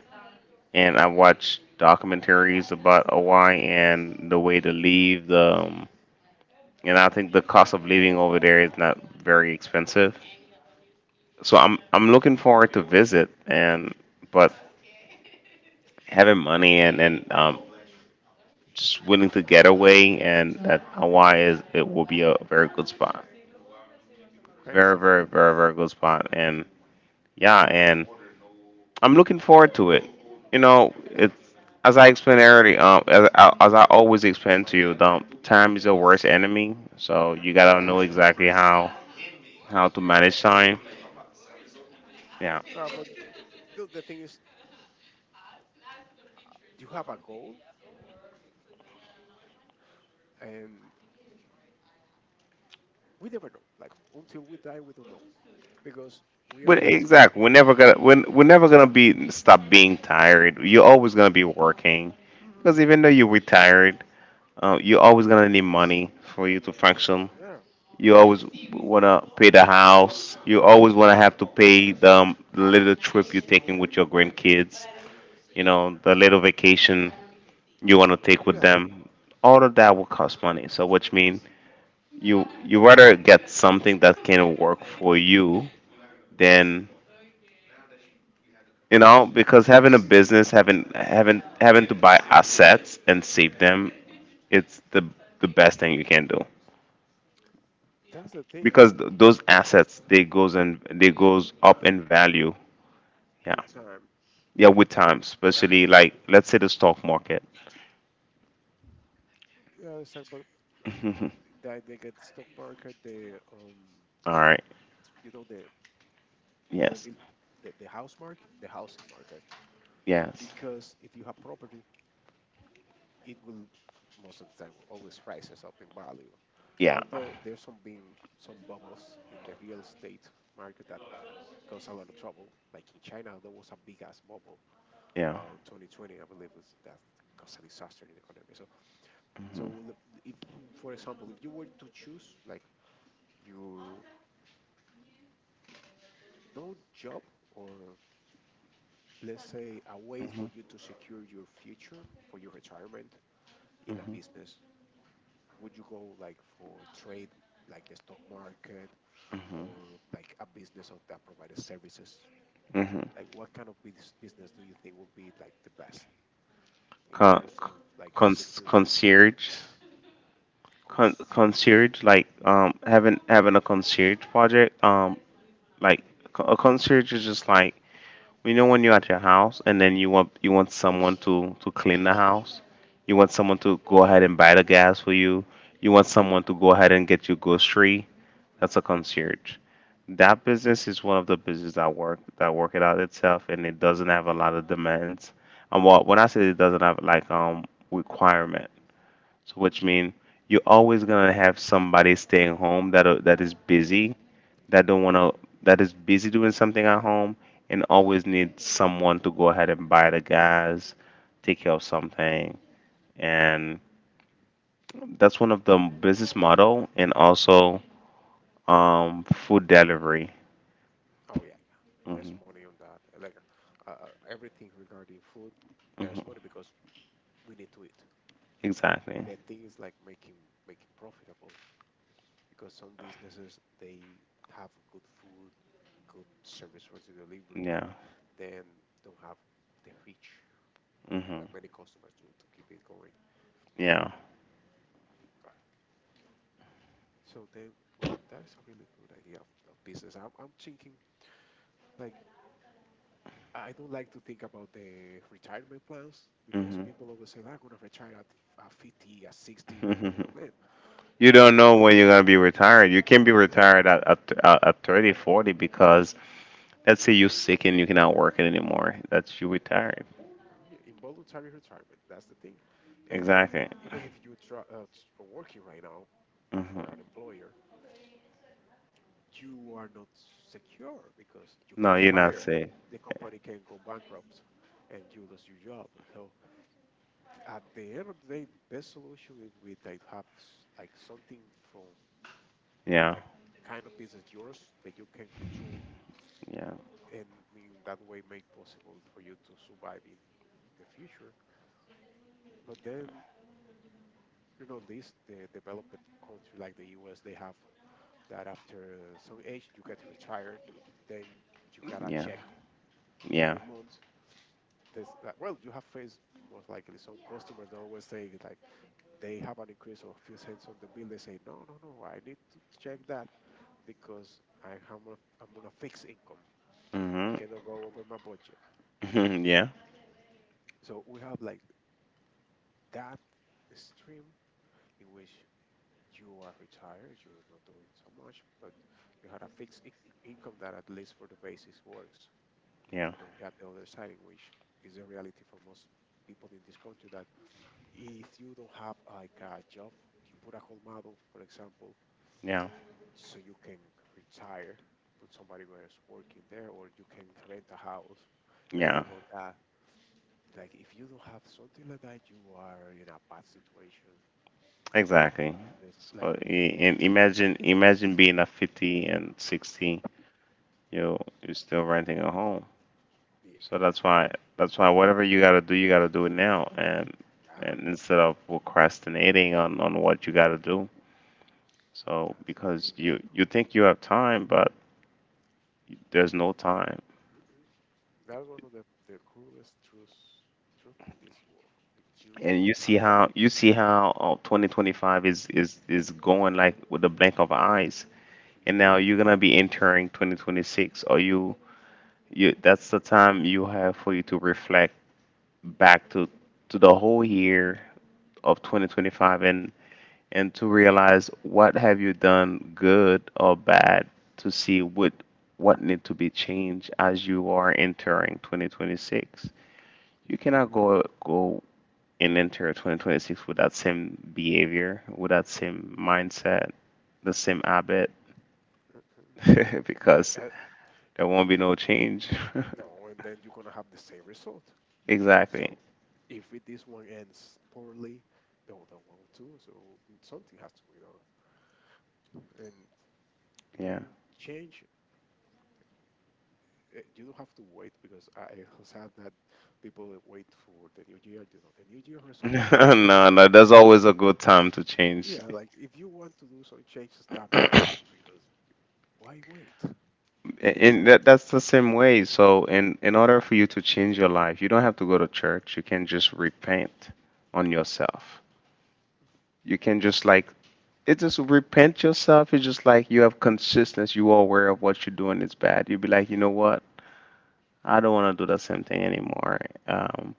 Speaker 1: and I watched documentaries about Hawaii and the way to leave the and I think the cost of living over there is not very expensive. So I'm looking forward to visit, and but having money and and just willing to get away, and that Hawaii is it will be a very good spot.
Speaker 2: okay,
Speaker 1: Very,
Speaker 2: so,
Speaker 1: very, very, very good spot. And yeah, and I'm looking forward to it. You know, it's as I explained earlier, as I always explain to you, the time is your worst enemy. So you gotta
Speaker 2: yeah.
Speaker 1: know exactly how to manage time. Yeah,
Speaker 2: But the thing is, you have a goal and we never know. Like, until we die, we don't know because we are
Speaker 1: but
Speaker 2: here today.
Speaker 1: exactly, we're never gonna be stop being tired. You're always gonna be working because
Speaker 2: Hmm.
Speaker 1: even though you're retired, you're always gonna need money for you to function.
Speaker 2: Yeah.
Speaker 1: You always want to pay the house. You always want to have to pay the little trip you're taking with your grandkids. You know, the little vacation you want to take with
Speaker 2: Yeah.
Speaker 1: them. All of that will cost money. So, which means you you rather get something that can work for you than you know because having a business, having to buy assets and save them, it's the best thing you can do
Speaker 2: That's the thing
Speaker 1: because those assets they goes up in value. Yeah.
Speaker 2: with time.
Speaker 1: Yeah, with time, especially like let's say the stock market.
Speaker 2: Yeah, it's like, but
Speaker 1: [laughs] All
Speaker 2: that they get stock market,
Speaker 1: right.
Speaker 2: you know, the
Speaker 1: Yes.
Speaker 2: immobile, the house market, the housing market.
Speaker 1: Yes.
Speaker 2: Because if you have property, it will most of the time always rises up in value.
Speaker 1: Yeah.
Speaker 2: Although there's some been some bubbles in the real estate market that cause a lot of trouble. Like in China, there was a big ass bubble
Speaker 1: Yeah.
Speaker 2: in 2020, I believe, was that caused a disaster in the economy. So, so the, if, for example, if you were to choose like your no job or let's say a way for
Speaker 1: Mhm.
Speaker 2: you to secure your future for your retirement in a business would you go like for trade, like the stock market,
Speaker 1: Mhm.
Speaker 2: or like a business of that provides services?
Speaker 1: Mhm.
Speaker 2: Like, what kind of business do you think would be like the best in
Speaker 1: Con,
Speaker 2: terms of like
Speaker 1: con,
Speaker 2: securing your
Speaker 1: concierge.
Speaker 2: consumer?
Speaker 1: Concierge, like having a concierge project, like a concierge is just like, you know, when you're at your house and then you want someone to clean the house, you want someone to go ahead and buy the gas for you, you want someone to go ahead and get you grocery,
Speaker 2: Mhm.
Speaker 1: that's a concierge. That business is one of the business that work it out itself, and it doesn't have a lot of demands. And what when I say it doesn't have like requirement, so which
Speaker 2: Mhm.
Speaker 1: mean you're always gonna have somebody staying home that is busy that don't wanna that is busy doing something at home and always needs someone to go ahead and buy the gas, take care of something, and
Speaker 2: Mhm.
Speaker 1: that's one of the business model and also food delivery.
Speaker 2: Oh yeah, yeah. There's
Speaker 1: Hmm.
Speaker 2: money on that. Like everything regarding food, there's money
Speaker 1: Hmm.
Speaker 2: because we need to eat.
Speaker 1: Exactly.
Speaker 2: The thing is like making make it profitable. Because some businesses they have good food, good service for the delivery, but
Speaker 1: Yeah.
Speaker 2: then don't have the reach
Speaker 1: Mhm.
Speaker 2: that many customers to keep it going.
Speaker 1: Yeah.
Speaker 2: Uh, So then, well, that is a really good idea of business. I'm thinking like I don't like to think about the retirement plans because
Speaker 1: Mhm.
Speaker 2: people always say I'm gonna retire at 50, at 60. Oh, man,
Speaker 1: [laughs] You don't know when you're gonna be retired. You can be
Speaker 2: yeah,
Speaker 1: retired at 30, 40, because let's say you're sick and you cannot work it anymore. That's you retired.
Speaker 2: mm, involuntary retirement. That's the thing. And i-
Speaker 1: Exactly.
Speaker 2: Even if you try working right now for
Speaker 1: Mhm.
Speaker 2: an employer, you are not secure because you can
Speaker 1: No,
Speaker 2: be
Speaker 1: you're not
Speaker 2: fired.
Speaker 1: safe.
Speaker 2: The company can go bankrupt and you lose your job. So at the end of the day, best solution is we that have like something from
Speaker 1: Yeah.
Speaker 2: like kind of business yours that you can control
Speaker 1: Yeah.
Speaker 2: and in that way make possible for you to survive in the future. But then you know these the developed country like the US they have that after some age you get retired, then you gotta
Speaker 1: Yeah.
Speaker 2: check like
Speaker 1: Yeah.
Speaker 2: every month this like well you have faced most likely some customers that always say like they have an increase of a few cents on the bill they say no I need to check that because I'm on a fixed income. I
Speaker 1: Mhm.
Speaker 2: cannot go over my budget.
Speaker 1: [laughs] Yeah.
Speaker 2: So we have like that stream in which you are retired you're not doing so much but you had a fixed income that at least for the basis works,
Speaker 1: Yeah.
Speaker 2: and we have the other side in which is a reality for most people in this country that if you don't have like a job, you put a colmado, for example,
Speaker 1: Yeah.
Speaker 2: so you can retire, put somebody where is working there, or you can rent a house and
Speaker 1: Yeah.
Speaker 2: live on that. Like if you don't have something like that, you are in a bad situation.
Speaker 1: Exactly.
Speaker 2: Because,
Speaker 1: So
Speaker 2: like
Speaker 1: and imagine being at 50 and 60. You you're still renting a home. So
Speaker 2: yeah,
Speaker 1: that's why whatever you gotta do it now,
Speaker 2: yeah,
Speaker 1: and instead of procrastinating on what you gotta do. So
Speaker 2: that's the
Speaker 1: because
Speaker 2: thing.
Speaker 1: you think you have time, but there's no time,
Speaker 2: Mm-mm. That's one of the cruelest truth in this world. Like you
Speaker 1: and
Speaker 2: don't have that.
Speaker 1: you see how 2025 is going like with a blink of eyes, and
Speaker 2: Mhm.
Speaker 1: now you're gonna be entering 2026, or you that's the time you have for you to reflect back to the whole year of 2025, and to realize what have you done good or bad, to see what need to be changed as you are entering 2026. You cannot go and enter 2026 with that same behavior, with that same mindset, the same habit,
Speaker 2: Mm-mm.
Speaker 1: [laughs] because
Speaker 2: Uh, uh,
Speaker 1: there won't be no change. [laughs]
Speaker 2: no, and then you're gonna have the same result.
Speaker 1: Exactly.
Speaker 2: So if it, this one ends poorly, the other one too. So mm, something has to be done. And you know,
Speaker 1: Yeah.
Speaker 2: change. You don't have to wait because I have had that people that wait for the new year. You know, the new year resolutions.
Speaker 1: [laughs] No, no, there's always a good time to change.
Speaker 2: Yeah, like if you want to do some change, start now. Because why wait? It's
Speaker 1: A-
Speaker 2: the
Speaker 1: And
Speaker 2: same.
Speaker 1: that that's the same way. So in order for you to change your life, you don't have to go to church. You can just repent on yourself.
Speaker 2: Mhm.
Speaker 1: You can just like it just repent yourself. It's just like you have consistency. You are aware of what you're doing is bad. You'll be like, you know what? I don't want to do the same thing anymore. Um,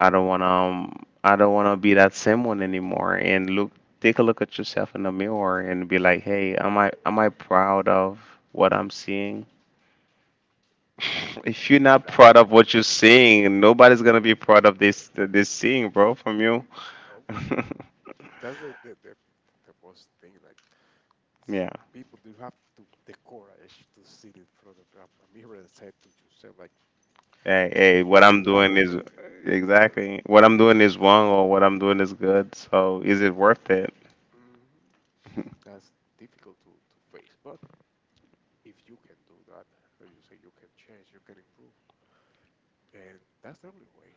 Speaker 1: I don't want to. I don't want to be that same one anymore. And look, take a look at yourself in the mirror and be like, hey, am I proud of what I'm seeing? If you're not proud of what you're seeing, nobody's gonna be proud of this seeing, bro, from you.
Speaker 2: [laughs] No, for
Speaker 1: [laughs]
Speaker 2: sure. That's the most thing. Like s-
Speaker 1: Yeah.
Speaker 2: people do have to the courage to sit in front of a mirror and say to yourself, like,
Speaker 1: Hey, hey, what
Speaker 2: You
Speaker 1: I'm
Speaker 2: like
Speaker 1: doing
Speaker 2: it?
Speaker 1: is
Speaker 2: Too? Uh,
Speaker 1: exactly, what I'm doing is wrong, or what I'm doing is good. So is it worth it?
Speaker 2: hmm.
Speaker 1: [laughs]
Speaker 2: That's difficult to face. But if you can do that, as you say, you can change, you can improve. And that's the only way.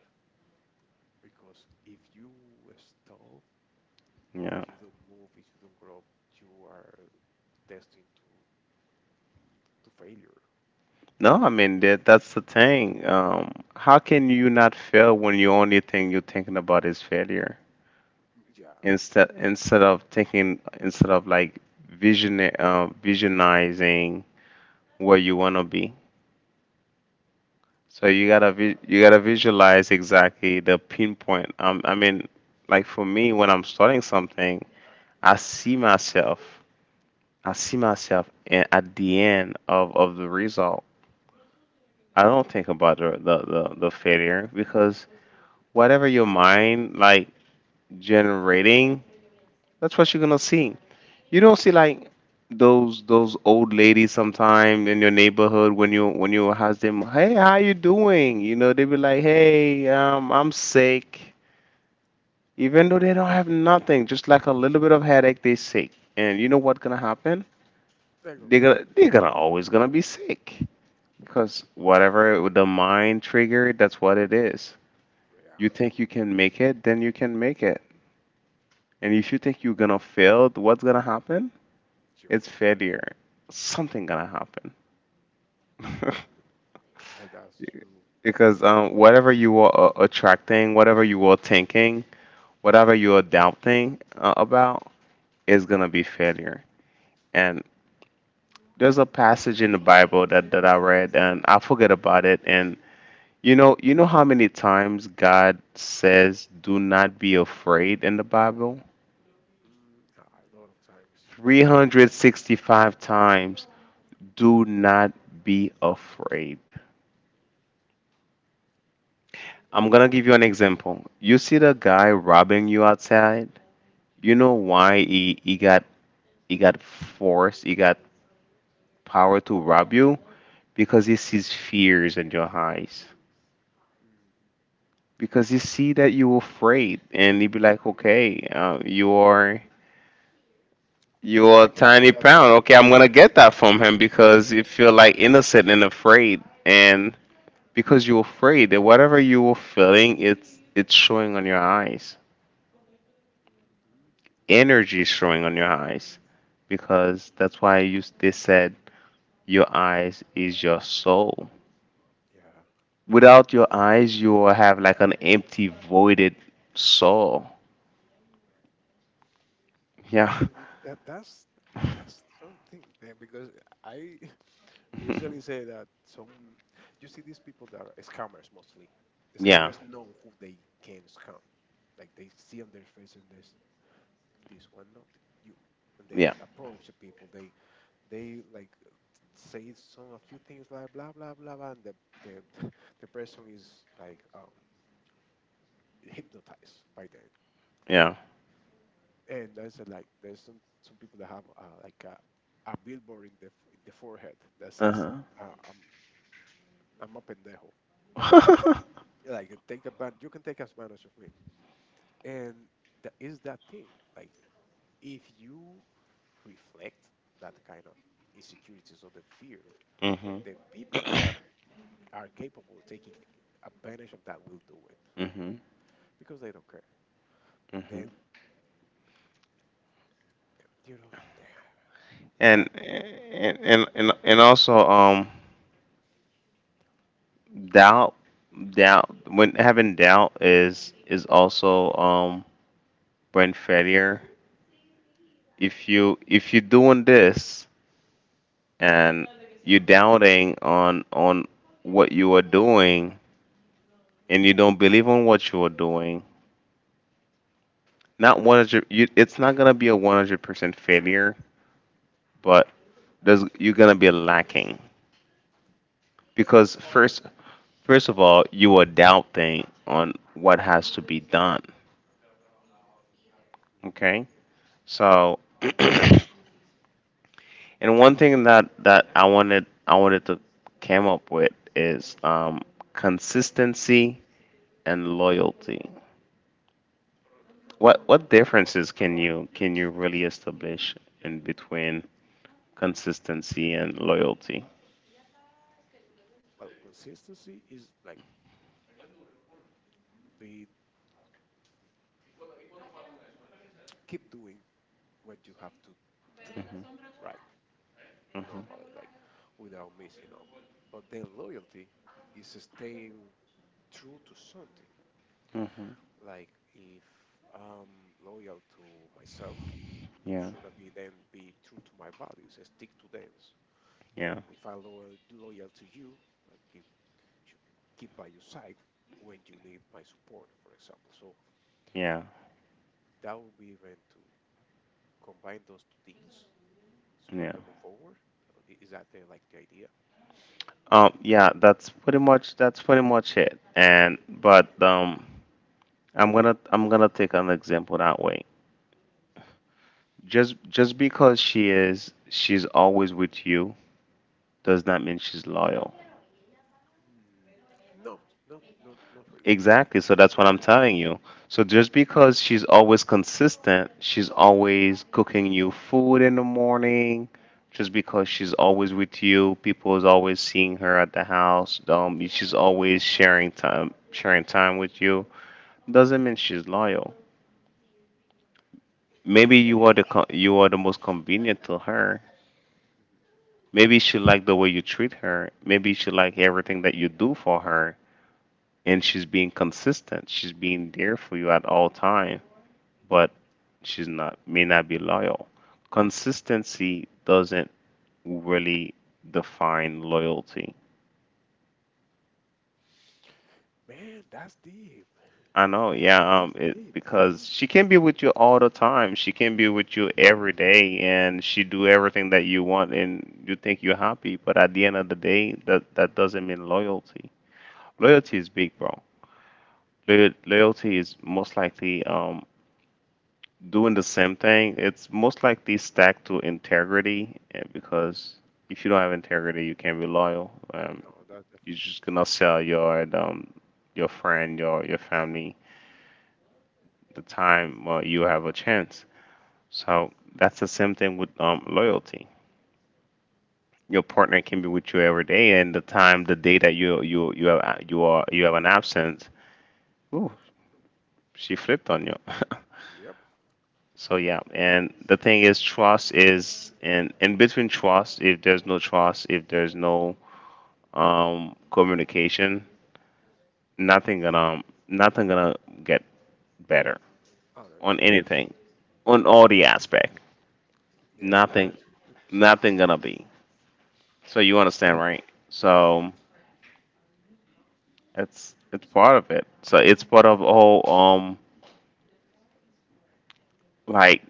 Speaker 2: Because if you stall,
Speaker 1: Yeah.
Speaker 2: if you don't move, if you don't grow, you are destined to failure.
Speaker 1: No, I mean that that's the thing. How can you not fail when your only thing you're thinking about is failure?
Speaker 2: Yeah.
Speaker 1: Instead instead of thinking instead of like vision visionizing where you wanna be. So you gotta you gotta visualize exactly the pinpoint. I mean, like for me, when I'm starting something, I see myself. I see myself in, at the end of the result. I don't think about the failure, because whatever your mind like generating, that's what you're gonna see. You don't see like those old ladies sometime in your neighborhood when you ask them, hey, how you doing? You know, they be like, hey, I'm sick. Even though they don't have nothing, just
Speaker 2: Mm,
Speaker 1: like a little bit of headache, they sick. And you know what's gonna happen?
Speaker 2: they're gonna be sick.
Speaker 1: They are gonna always gonna be sick. Cause whatever the mind triggered, that's what it is.
Speaker 2: Yeah.
Speaker 1: You think you can make it, then you can make it. And if you think you're gonna fail, what's gonna happen?
Speaker 2: You're
Speaker 1: It's
Speaker 2: gonna fail.
Speaker 1: failure. Something gonna happen. [laughs]
Speaker 2: Well, that's true.
Speaker 1: Because whatever you are attracting, whatever you are thinking, whatever you are doubting about, is gonna be failure. And there's a passage in the Bible that, that I read and I forget about it, and you know, you know how many times God says do not be afraid in the Bible?
Speaker 2: Mm, a lot of times.
Speaker 1: 365 times. Do not be afraid. I'm going to give you an example. You see the guy robbing you outside? You know why he, he got force, he got power to rob you? Because he sees fears in your eyes.
Speaker 2: Hmm.
Speaker 1: Because you see that you're afraid and you be like, okay, you
Speaker 2: Like
Speaker 1: are a
Speaker 2: I can feel
Speaker 1: tiny
Speaker 2: that. Mm-hmm.
Speaker 1: pound, okay, I'm gonna get that from him, because you feel like innocent and afraid, and because you're afraid that whatever you were feeling, it's showing on your eyes,
Speaker 2: Mm-hmm.
Speaker 1: energy is showing on your eyes, because that's why you they said your eyes is your soul.
Speaker 2: Yeah,
Speaker 1: Without your eyes you will have like an empty voided soul. Yeah.
Speaker 2: yeah, that that's something, man, because I [laughs] usually
Speaker 1: [laughs]
Speaker 2: say that some you see these people that are scammers mostly.
Speaker 1: Yeah.
Speaker 2: Scammers know who they can scam. Like they see on their face and this one not you. When they
Speaker 1: Yeah.
Speaker 2: approach the people, they like say some a few things like blah blah blah, blah and the [laughs] the person is like hypnotized by the
Speaker 1: Yeah.
Speaker 2: and I said like there's some people that have like a billboard in the in the forehead that says
Speaker 1: Uh
Speaker 2: uh, I'm I'm a pendejo.
Speaker 1: huh. [laughs]
Speaker 2: Like take a you can take advantage of me, and that is that thing. Like if you reflect that kind of insecurities or the fear,
Speaker 1: Mhm.
Speaker 2: the people
Speaker 1: [coughs]
Speaker 2: that are capable of taking advantage of that will do it
Speaker 1: Mhm.
Speaker 2: because they don't care.
Speaker 1: Mhm.
Speaker 2: Then
Speaker 1: [laughs]
Speaker 2: you know, damn
Speaker 1: And
Speaker 2: that.
Speaker 1: also doubt doubt, when having doubt, is also brain failure. If you if you're doing this and you're doubting on what you are doing, and you don't believe on what you are doing, not 100 you, it's not going to be a 100% failure, but there's you're going to be lacking. Because first first of all, you are doubting on what has to be done.
Speaker 2: Mm,
Speaker 1: Okay, so [clears throat] and one thing that I wanted to come up with is consistency and loyalty. What differences can you really establish in between consistency and loyalty?
Speaker 2: well, consistency is like be like keep doing what you have to do,
Speaker 1: Hmm.
Speaker 2: right?
Speaker 1: Hmm.
Speaker 2: Normally, like without messing up. But then loyalty is staying true to something.
Speaker 1: Hmm.
Speaker 2: Like if I'm loyal to myself,
Speaker 1: Yeah.
Speaker 2: should I be then be true to my values, and stick to them? And
Speaker 1: Yeah.
Speaker 2: if I'm loyal to you, I keep should keep by your side when you need my support, for example. So
Speaker 1: Yeah.
Speaker 2: that would be even to combine those two things so you
Speaker 1: Yeah.
Speaker 2: can move forward. Is that the like the idea?
Speaker 1: Yeah, that's pretty much it. And but I'm gonna take an example that way. Just because she's always with you does not mean she's loyal.
Speaker 2: Mm, no, not not not really.
Speaker 1: Exactly. So that's what I'm telling you. So just because she's always consistent, she's always cooking you food in the morning. Just because she's always with you, people is always seeing her at the house. She's always sharing time with you, doesn't mean she's loyal. Maybe you are you are the most convenient to her.
Speaker 2: Mhm.
Speaker 1: Maybe she like the way you treat her. Maybe she like everything that you do for her, and she's being consistent. She's being there for you at all time, but she's not may not be loyal. Consistency doesn't really define loyalty.
Speaker 2: Man, that's deep.
Speaker 1: I know,
Speaker 2: That
Speaker 1: yeah,
Speaker 2: is
Speaker 1: it,
Speaker 2: deep,
Speaker 1: because
Speaker 2: bro.
Speaker 1: she can be with you all the time. She can be with you every day, and she do everything that you want, and you think you're happy. But at the end of the day, that doesn't mean loyalty. Loyalty is big, bro. Loyalty is most likely doing the same thing. It's most likely stacked to integrity, eh, because if you don't have integrity, you can't be loyal.
Speaker 2: No, that's that for
Speaker 1: You're
Speaker 2: sure.
Speaker 1: just gonna sell your friend, your family, the time you have a chance. So that's the same thing with loyalty. Your partner can be with you every day, and the time, the day that you have you are you have an absence, ooh, she flipped on you.
Speaker 2: Yep.
Speaker 1: [laughs] So yeah, and the thing is, trust is and in between trust, if there's no trust, if there's no communication, nothing gonna nothing gonna get better
Speaker 2: Oh no,
Speaker 1: on
Speaker 2: that that's all.
Speaker 1: anything, on all the aspect.
Speaker 2: Yeah, that
Speaker 1: Nothing,
Speaker 2: is 100%.
Speaker 1: nothing gonna be. So you understand, right? So it's
Speaker 2: So,
Speaker 1: part of it. So it's part of the whole like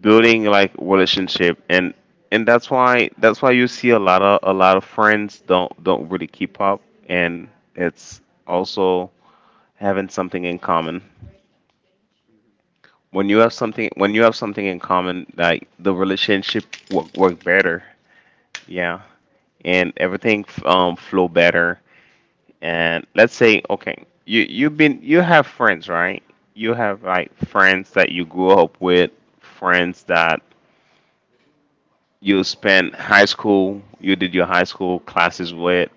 Speaker 1: building like relationship and and that's why you see a lot of friends don't really keep up and it's also having something in common.
Speaker 2: mhm.
Speaker 1: When you have something in common, like the relationship work better. Yeah. And everything flow better, and let's say okay, you have friends, right, you have like friends that you grew up with, friends that you did your high school classes
Speaker 2: Yeah,
Speaker 1: with,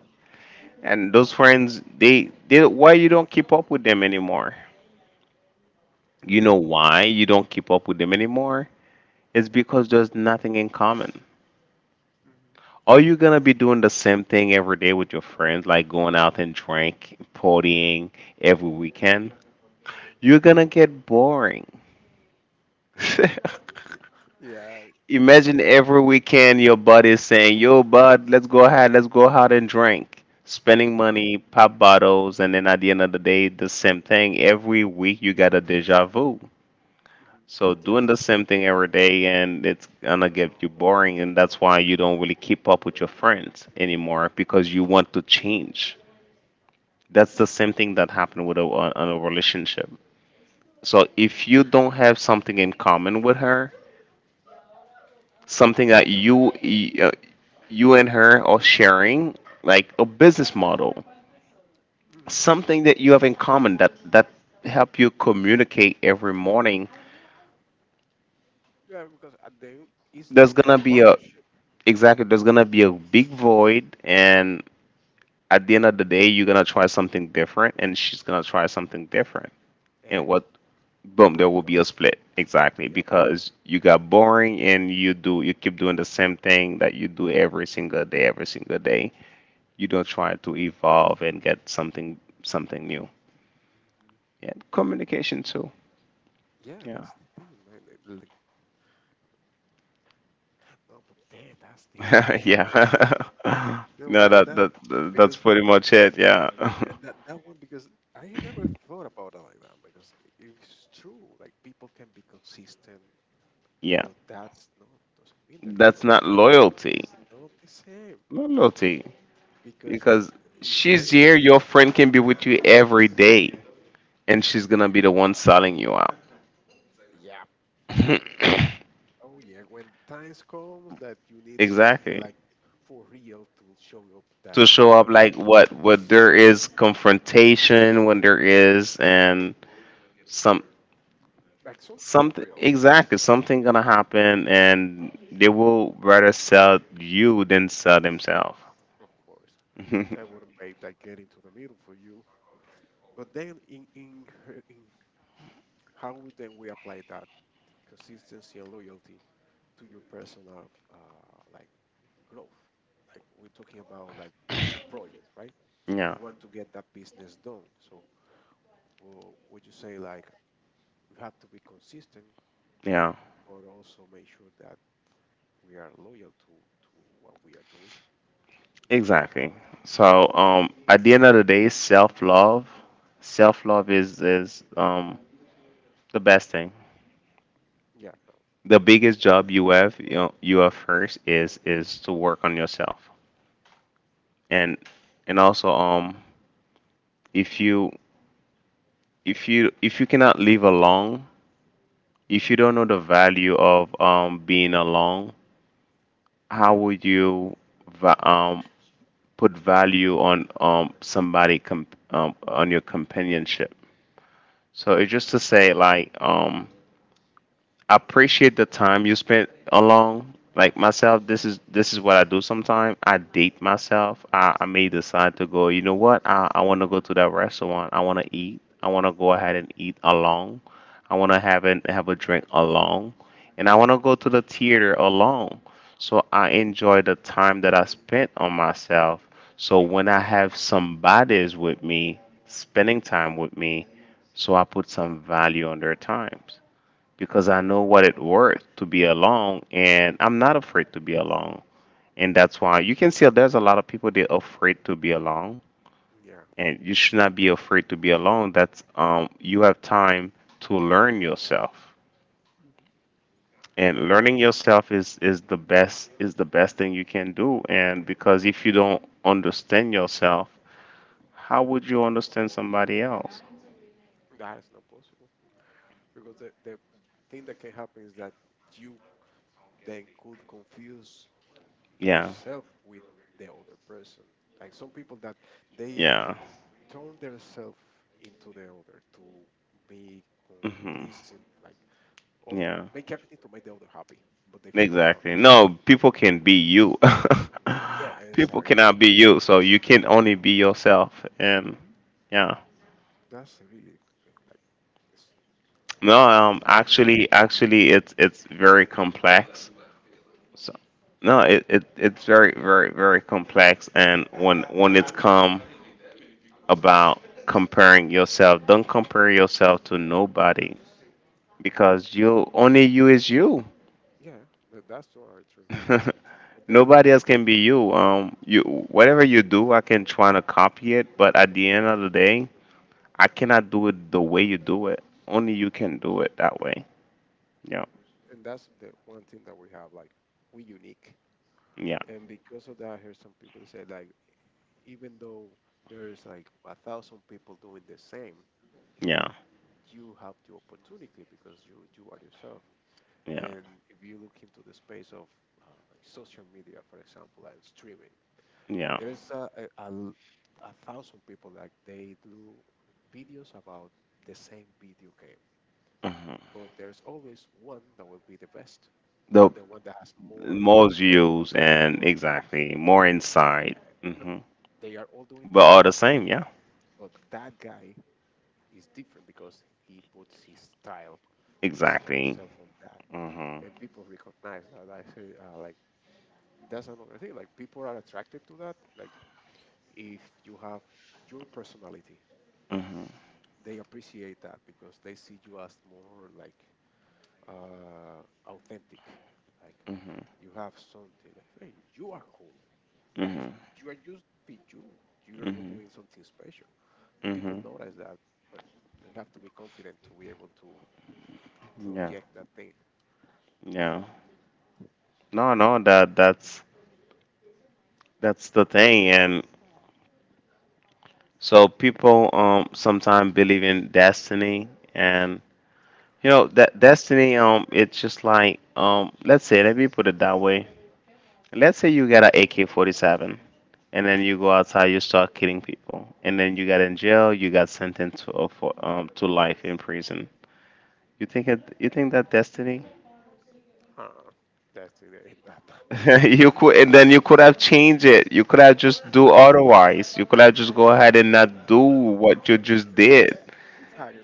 Speaker 1: and those friends, they why you don't keep up with them anymore, you
Speaker 2: uh,
Speaker 1: know why you don't keep up with them anymore, it's because there's nothing in common.
Speaker 2: mhm.
Speaker 1: Are you gonna be doing the same thing every day with your friends, like going out and drink partying every weekend? You're gonna get boring. [laughs]
Speaker 2: Yeah, eh,
Speaker 1: Imagine every weekend your buddy is saying, "Yo, bud, let's go ahead, let's go out and drink." Spending money, pop bottles, and then at the end of the day, the same thing every week. You got a deja vu.
Speaker 2: mhm.
Speaker 1: So doing
Speaker 2: Yeah,
Speaker 1: the same thing every day, and it's gonna get you boring, and that's why you don't really keep up with your friends anymore because you want to change. That's the same thing that happened with a, on a relationship. So if you don't have something in common with her, something that you uh, you and her are sharing, like a business model,
Speaker 2: mhm.
Speaker 1: something that you have in common, that that help you communicate every morning,
Speaker 2: Yeah. Because at the end, it's
Speaker 1: there's
Speaker 2: like a
Speaker 1: gonna be a,
Speaker 2: partnership
Speaker 1: exactly, there's gonna be a big void, and at the end of the day you're gonna try something different and she's gonna try something different, and
Speaker 2: and
Speaker 1: what, boom, there will
Speaker 2: breakup.
Speaker 1: be a split, exactly,
Speaker 2: Yep.
Speaker 1: because you got boring and you keep doing the same thing that you do every single day, every single day, you don't try to evolve and get something something new.
Speaker 2: Mhm.
Speaker 1: Yeah, communication too.
Speaker 2: Yeah,
Speaker 1: Yeah,
Speaker 2: that's the thing, man. Like- no, but man, that's deep,
Speaker 1: [laughs]
Speaker 2: man. That's deep.
Speaker 1: yeah.
Speaker 2: You
Speaker 1: [laughs]
Speaker 2: know
Speaker 1: No,
Speaker 2: that
Speaker 1: that,
Speaker 2: that
Speaker 1: that that's
Speaker 2: because
Speaker 1: pretty much it. Yeah, [laughs]
Speaker 2: yeah, that that one because I never thought about it like that because it's true. Like people can be consistent,
Speaker 1: yeah.
Speaker 2: but that's not doesn't mean that it's
Speaker 1: That's not
Speaker 2: loyal.
Speaker 1: loyalty.
Speaker 2: It's not the same
Speaker 1: Not loyalty
Speaker 2: because
Speaker 1: because
Speaker 2: it's
Speaker 1: she's
Speaker 2: very
Speaker 1: here.
Speaker 2: different.
Speaker 1: Your friend can be with you every day, and she's
Speaker 2: Mhm.
Speaker 1: gonna be the one selling you out.
Speaker 2: Yeah.
Speaker 1: [coughs]
Speaker 2: Oh yeah. When times comes that you need something
Speaker 1: Exactly.
Speaker 2: like for real to show up that
Speaker 1: To
Speaker 2: you're
Speaker 1: show up
Speaker 2: loyal,
Speaker 1: like
Speaker 2: eh,
Speaker 1: what there is confrontation when there is and some,
Speaker 2: like something for
Speaker 1: something,
Speaker 2: real,
Speaker 1: exactly, something gonna happen, and they will rather sell you than sell themselves.
Speaker 2: of course. That
Speaker 1: [laughs]
Speaker 2: wouldn't make that get into the middle for you. But then in how then we apply that consistency and loyalty to your personal like growth. Like we're talking about like your project, right?
Speaker 1: Yeah,
Speaker 2: You want to get that business done. So would you say like we have to be consistent,
Speaker 1: yeah,
Speaker 2: but also make sure that we are loyal to what we are doing?
Speaker 1: exactly. So, at the end of the day, self love is the best thing.
Speaker 2: Yeah.
Speaker 1: The biggest job you have, you know, you have first is to work on yourself, and and also if you if you cannot live alone, if you don't know the value of being alone, how would you va- um, put value on on your companionship? So it's just to say like I appreciate the time you spent alone. Like myself, this is what I do sometimes. I date myself. I may decide to go, you know what? I wanna go to that restaurant. I wanna eat. I wanna go ahead and eat alone. I wanna have a drink alone. And I wanna go to the theater alone. So I enjoy the time that I spent on myself. So when I have somebody's with me, spending time with me, so I put some value on their times, because
Speaker 2: Hmm.
Speaker 1: I know what it worth to be alone, and I'm not afraid to be alone. And that's why you can see there's a lot of people they're afraid to be alone,
Speaker 2: Yeah.
Speaker 1: and you should not be afraid to be alone. That's you have time to learn yourself,
Speaker 2: Hmm.
Speaker 1: and
Speaker 2: That's very
Speaker 1: learning
Speaker 2: important.
Speaker 1: yourself is the best thing you can do. And because if you don't understand yourself, how would you understand somebody else?
Speaker 2: That is not possible because the thing that can happen is that you then could confuse
Speaker 1: Yeah,
Speaker 2: yourself with the other person. Like some people that they
Speaker 1: yeah,
Speaker 2: turn themselves into the other to be
Speaker 1: hmm
Speaker 2: complacent, like all
Speaker 1: yeah.
Speaker 2: make everything to make the other happy, but they forgot about
Speaker 1: Exactly.
Speaker 2: themselves.
Speaker 1: No, people can be you.
Speaker 2: Yeah,
Speaker 1: [laughs] People
Speaker 2: exactly.
Speaker 1: cannot be you, so you can only be yourself. And
Speaker 2: Hmm.
Speaker 1: yeah,
Speaker 2: That's really like it's,
Speaker 1: no, actually, actually, it's very complex. So no, it it's very complex. And when it's come about comparing yourself, don't compare yourself to nobody
Speaker 2: mhm.
Speaker 1: because you only you is you.
Speaker 2: Yeah, that's totally true. But
Speaker 1: [laughs]
Speaker 2: the thing,
Speaker 1: Nobody else can be you. You whatever you do, I can try to copy it, but at the end of the day, I cannot do it the way you do it. Only you can do it that way. Yeah,
Speaker 2: mhm. And that's the one thing that we have, like we unique.
Speaker 1: yeah,
Speaker 2: And because of that, I heard some people say like, even though there is like a thousand people doing the same,
Speaker 1: yeah,
Speaker 2: you have the opportunity because you are yourself.
Speaker 1: yeah,
Speaker 2: And if you look into the space of like social media, for example, and streaming,
Speaker 1: yeah.
Speaker 2: there's a a thousand people like they do videos about the same video game,
Speaker 1: Hmm.
Speaker 2: but there's always one that will be the best or
Speaker 1: The
Speaker 2: the one that has more
Speaker 1: more views
Speaker 2: followers.
Speaker 1: and
Speaker 2: Or
Speaker 1: exactly more insight.
Speaker 2: yeah, but
Speaker 1: Hmm.
Speaker 2: they are all doing the
Speaker 1: But all
Speaker 2: same.
Speaker 1: the same, yeah,
Speaker 2: But that guy is different because he puts his style, his own
Speaker 1: exactly.
Speaker 2: self on that,
Speaker 1: Hmm.
Speaker 2: and people recognize that. I say, like that's another thing. Like people are attracted to that. Like if you have your personality,
Speaker 1: Hmm.
Speaker 2: they appreciate that because they see you as more like authentic. Like
Speaker 1: Hmm.
Speaker 2: you have something. Like hey, you are cool, but it's,
Speaker 1: Hmm.
Speaker 2: you are just be you. You are not
Speaker 1: Hmm.
Speaker 2: doing something special. But people
Speaker 1: Hmm.
Speaker 2: notice that, but they have to be confident to be able to
Speaker 1: Yeah,
Speaker 2: project that thing.
Speaker 1: yeah. No, no, that's the thing, and so people sometimes believe in destiny, and you know that destiny it's just like let's say let me put it that way. Let's say you got an AK-47, and then you go outside, you start killing people, and then you got in jail, you got sentenced to for, to life in prison. You think it you think that destiny?
Speaker 2: Huh? Destiny in that.
Speaker 1: [laughs] You could, and then you could have changed it. You could have just do
Speaker 2: [laughs]
Speaker 1: otherwise. You could have just go ahead and not do what you just did.
Speaker 2: Exactly.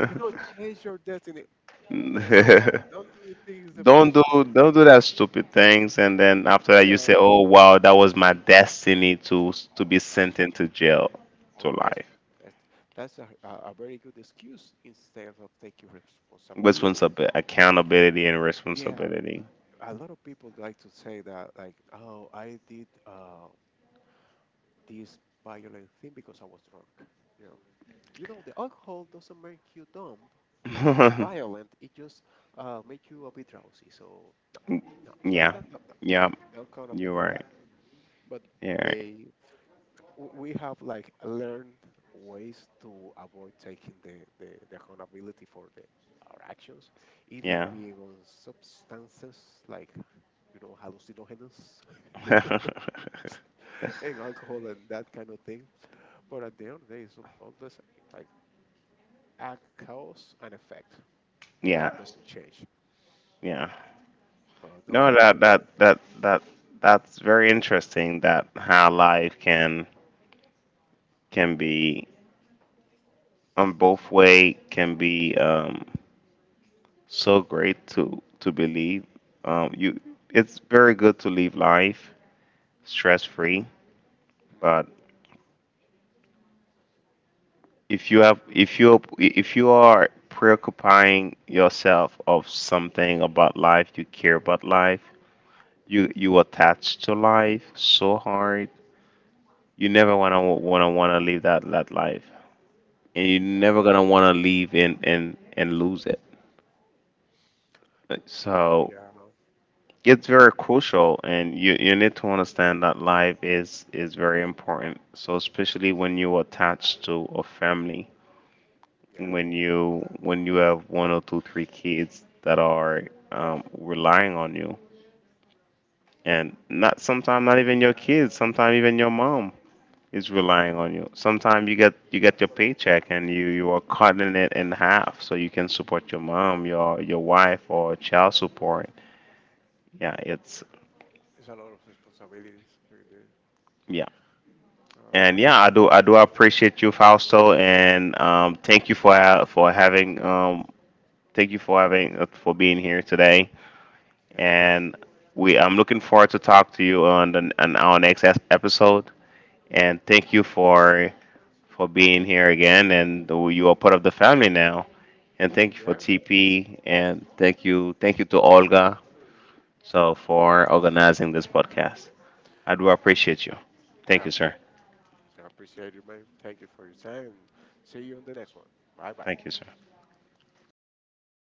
Speaker 2: You cannot change your destiny. Come on,
Speaker 1: [laughs]
Speaker 2: don't do things the
Speaker 1: Don't
Speaker 2: first
Speaker 1: do
Speaker 2: place.
Speaker 1: don't do that stupid things, and then after that you
Speaker 2: Yeah.
Speaker 1: say, "Oh wow, that was my destiny to be
Speaker 2: Yeah.
Speaker 1: sent into jail
Speaker 2: Oh
Speaker 1: to
Speaker 2: yes.
Speaker 1: life."
Speaker 2: That's, that's a very good excuse instead of taking responsibility.
Speaker 1: Responsibility, accountability, and
Speaker 2: Yeah,
Speaker 1: responsibility.
Speaker 2: a lot of people like to say that, like, oh, I did this violent thing because I was drunk. You know, you know, the alcohol doesn't make you dumb. Or
Speaker 1: [laughs]
Speaker 2: violent, it just make you a bit drowsy. So no, no,
Speaker 1: Yeah,
Speaker 2: no, no, no,
Speaker 1: yeah,
Speaker 2: don't count on me
Speaker 1: you're
Speaker 2: with
Speaker 1: right.
Speaker 2: that. But
Speaker 1: You're right.
Speaker 2: they, we have like learned ways to avoid taking the accountability for the our actions, either
Speaker 1: Yeah,
Speaker 2: being on substances like you know hallucinogens
Speaker 1: [laughs]
Speaker 2: [laughs] and alcohol and that kind of thing. But at the end of the day, it's all the same, like act, cause, and effect. That
Speaker 1: yeah,
Speaker 2: doesn't change.
Speaker 1: yeah.
Speaker 2: But no,
Speaker 1: No,
Speaker 2: man,
Speaker 1: that
Speaker 2: like.
Speaker 1: that that that that's very interesting. That how life can be on both way can be so great to believe. You, it's very good to live life stress free. But if you have, if you are preoccupying yourself of something about life, you care about life. You attach to life so hard. You never wanna live that that life, and you're
Speaker 2: Mhm.
Speaker 1: never gonna wanna live and and lose it. So
Speaker 2: Yeah,
Speaker 1: it's very crucial and you need to understand that life is very important, so especially when you attach to a family,
Speaker 2: yeah.
Speaker 1: when you have 1 or 2 3 kids that are relying on you, and not sometimes not even your kids, sometimes even your mom is relying on you, sometimes you get your paycheck and you are cutting it in half so you can support your mom, your wife or child support, yeah, it's
Speaker 2: It's a lot of responsibilities in the
Speaker 1: yeah.
Speaker 2: uh,
Speaker 1: And yeah, I do. I do appreciate you, Fausto, and thank you for for having thank you for having for being here today.
Speaker 2: household.
Speaker 1: And we, I'm looking forward to talk to you on the, on our next episode. And thank you for being here again. And you are part of the family now. And thank you
Speaker 2: Yeah, so
Speaker 1: for
Speaker 2: yeah,
Speaker 1: TP. And thank you to
Speaker 2: it's a,
Speaker 1: Olga. So for organizing this podcast, I do appreciate you.
Speaker 2: I
Speaker 1: Thank you,
Speaker 2: have
Speaker 1: sir.
Speaker 2: one. So I appreciate you, man. Thank you for your time. See you on the next one. Bye bye.
Speaker 1: Thank you, sir.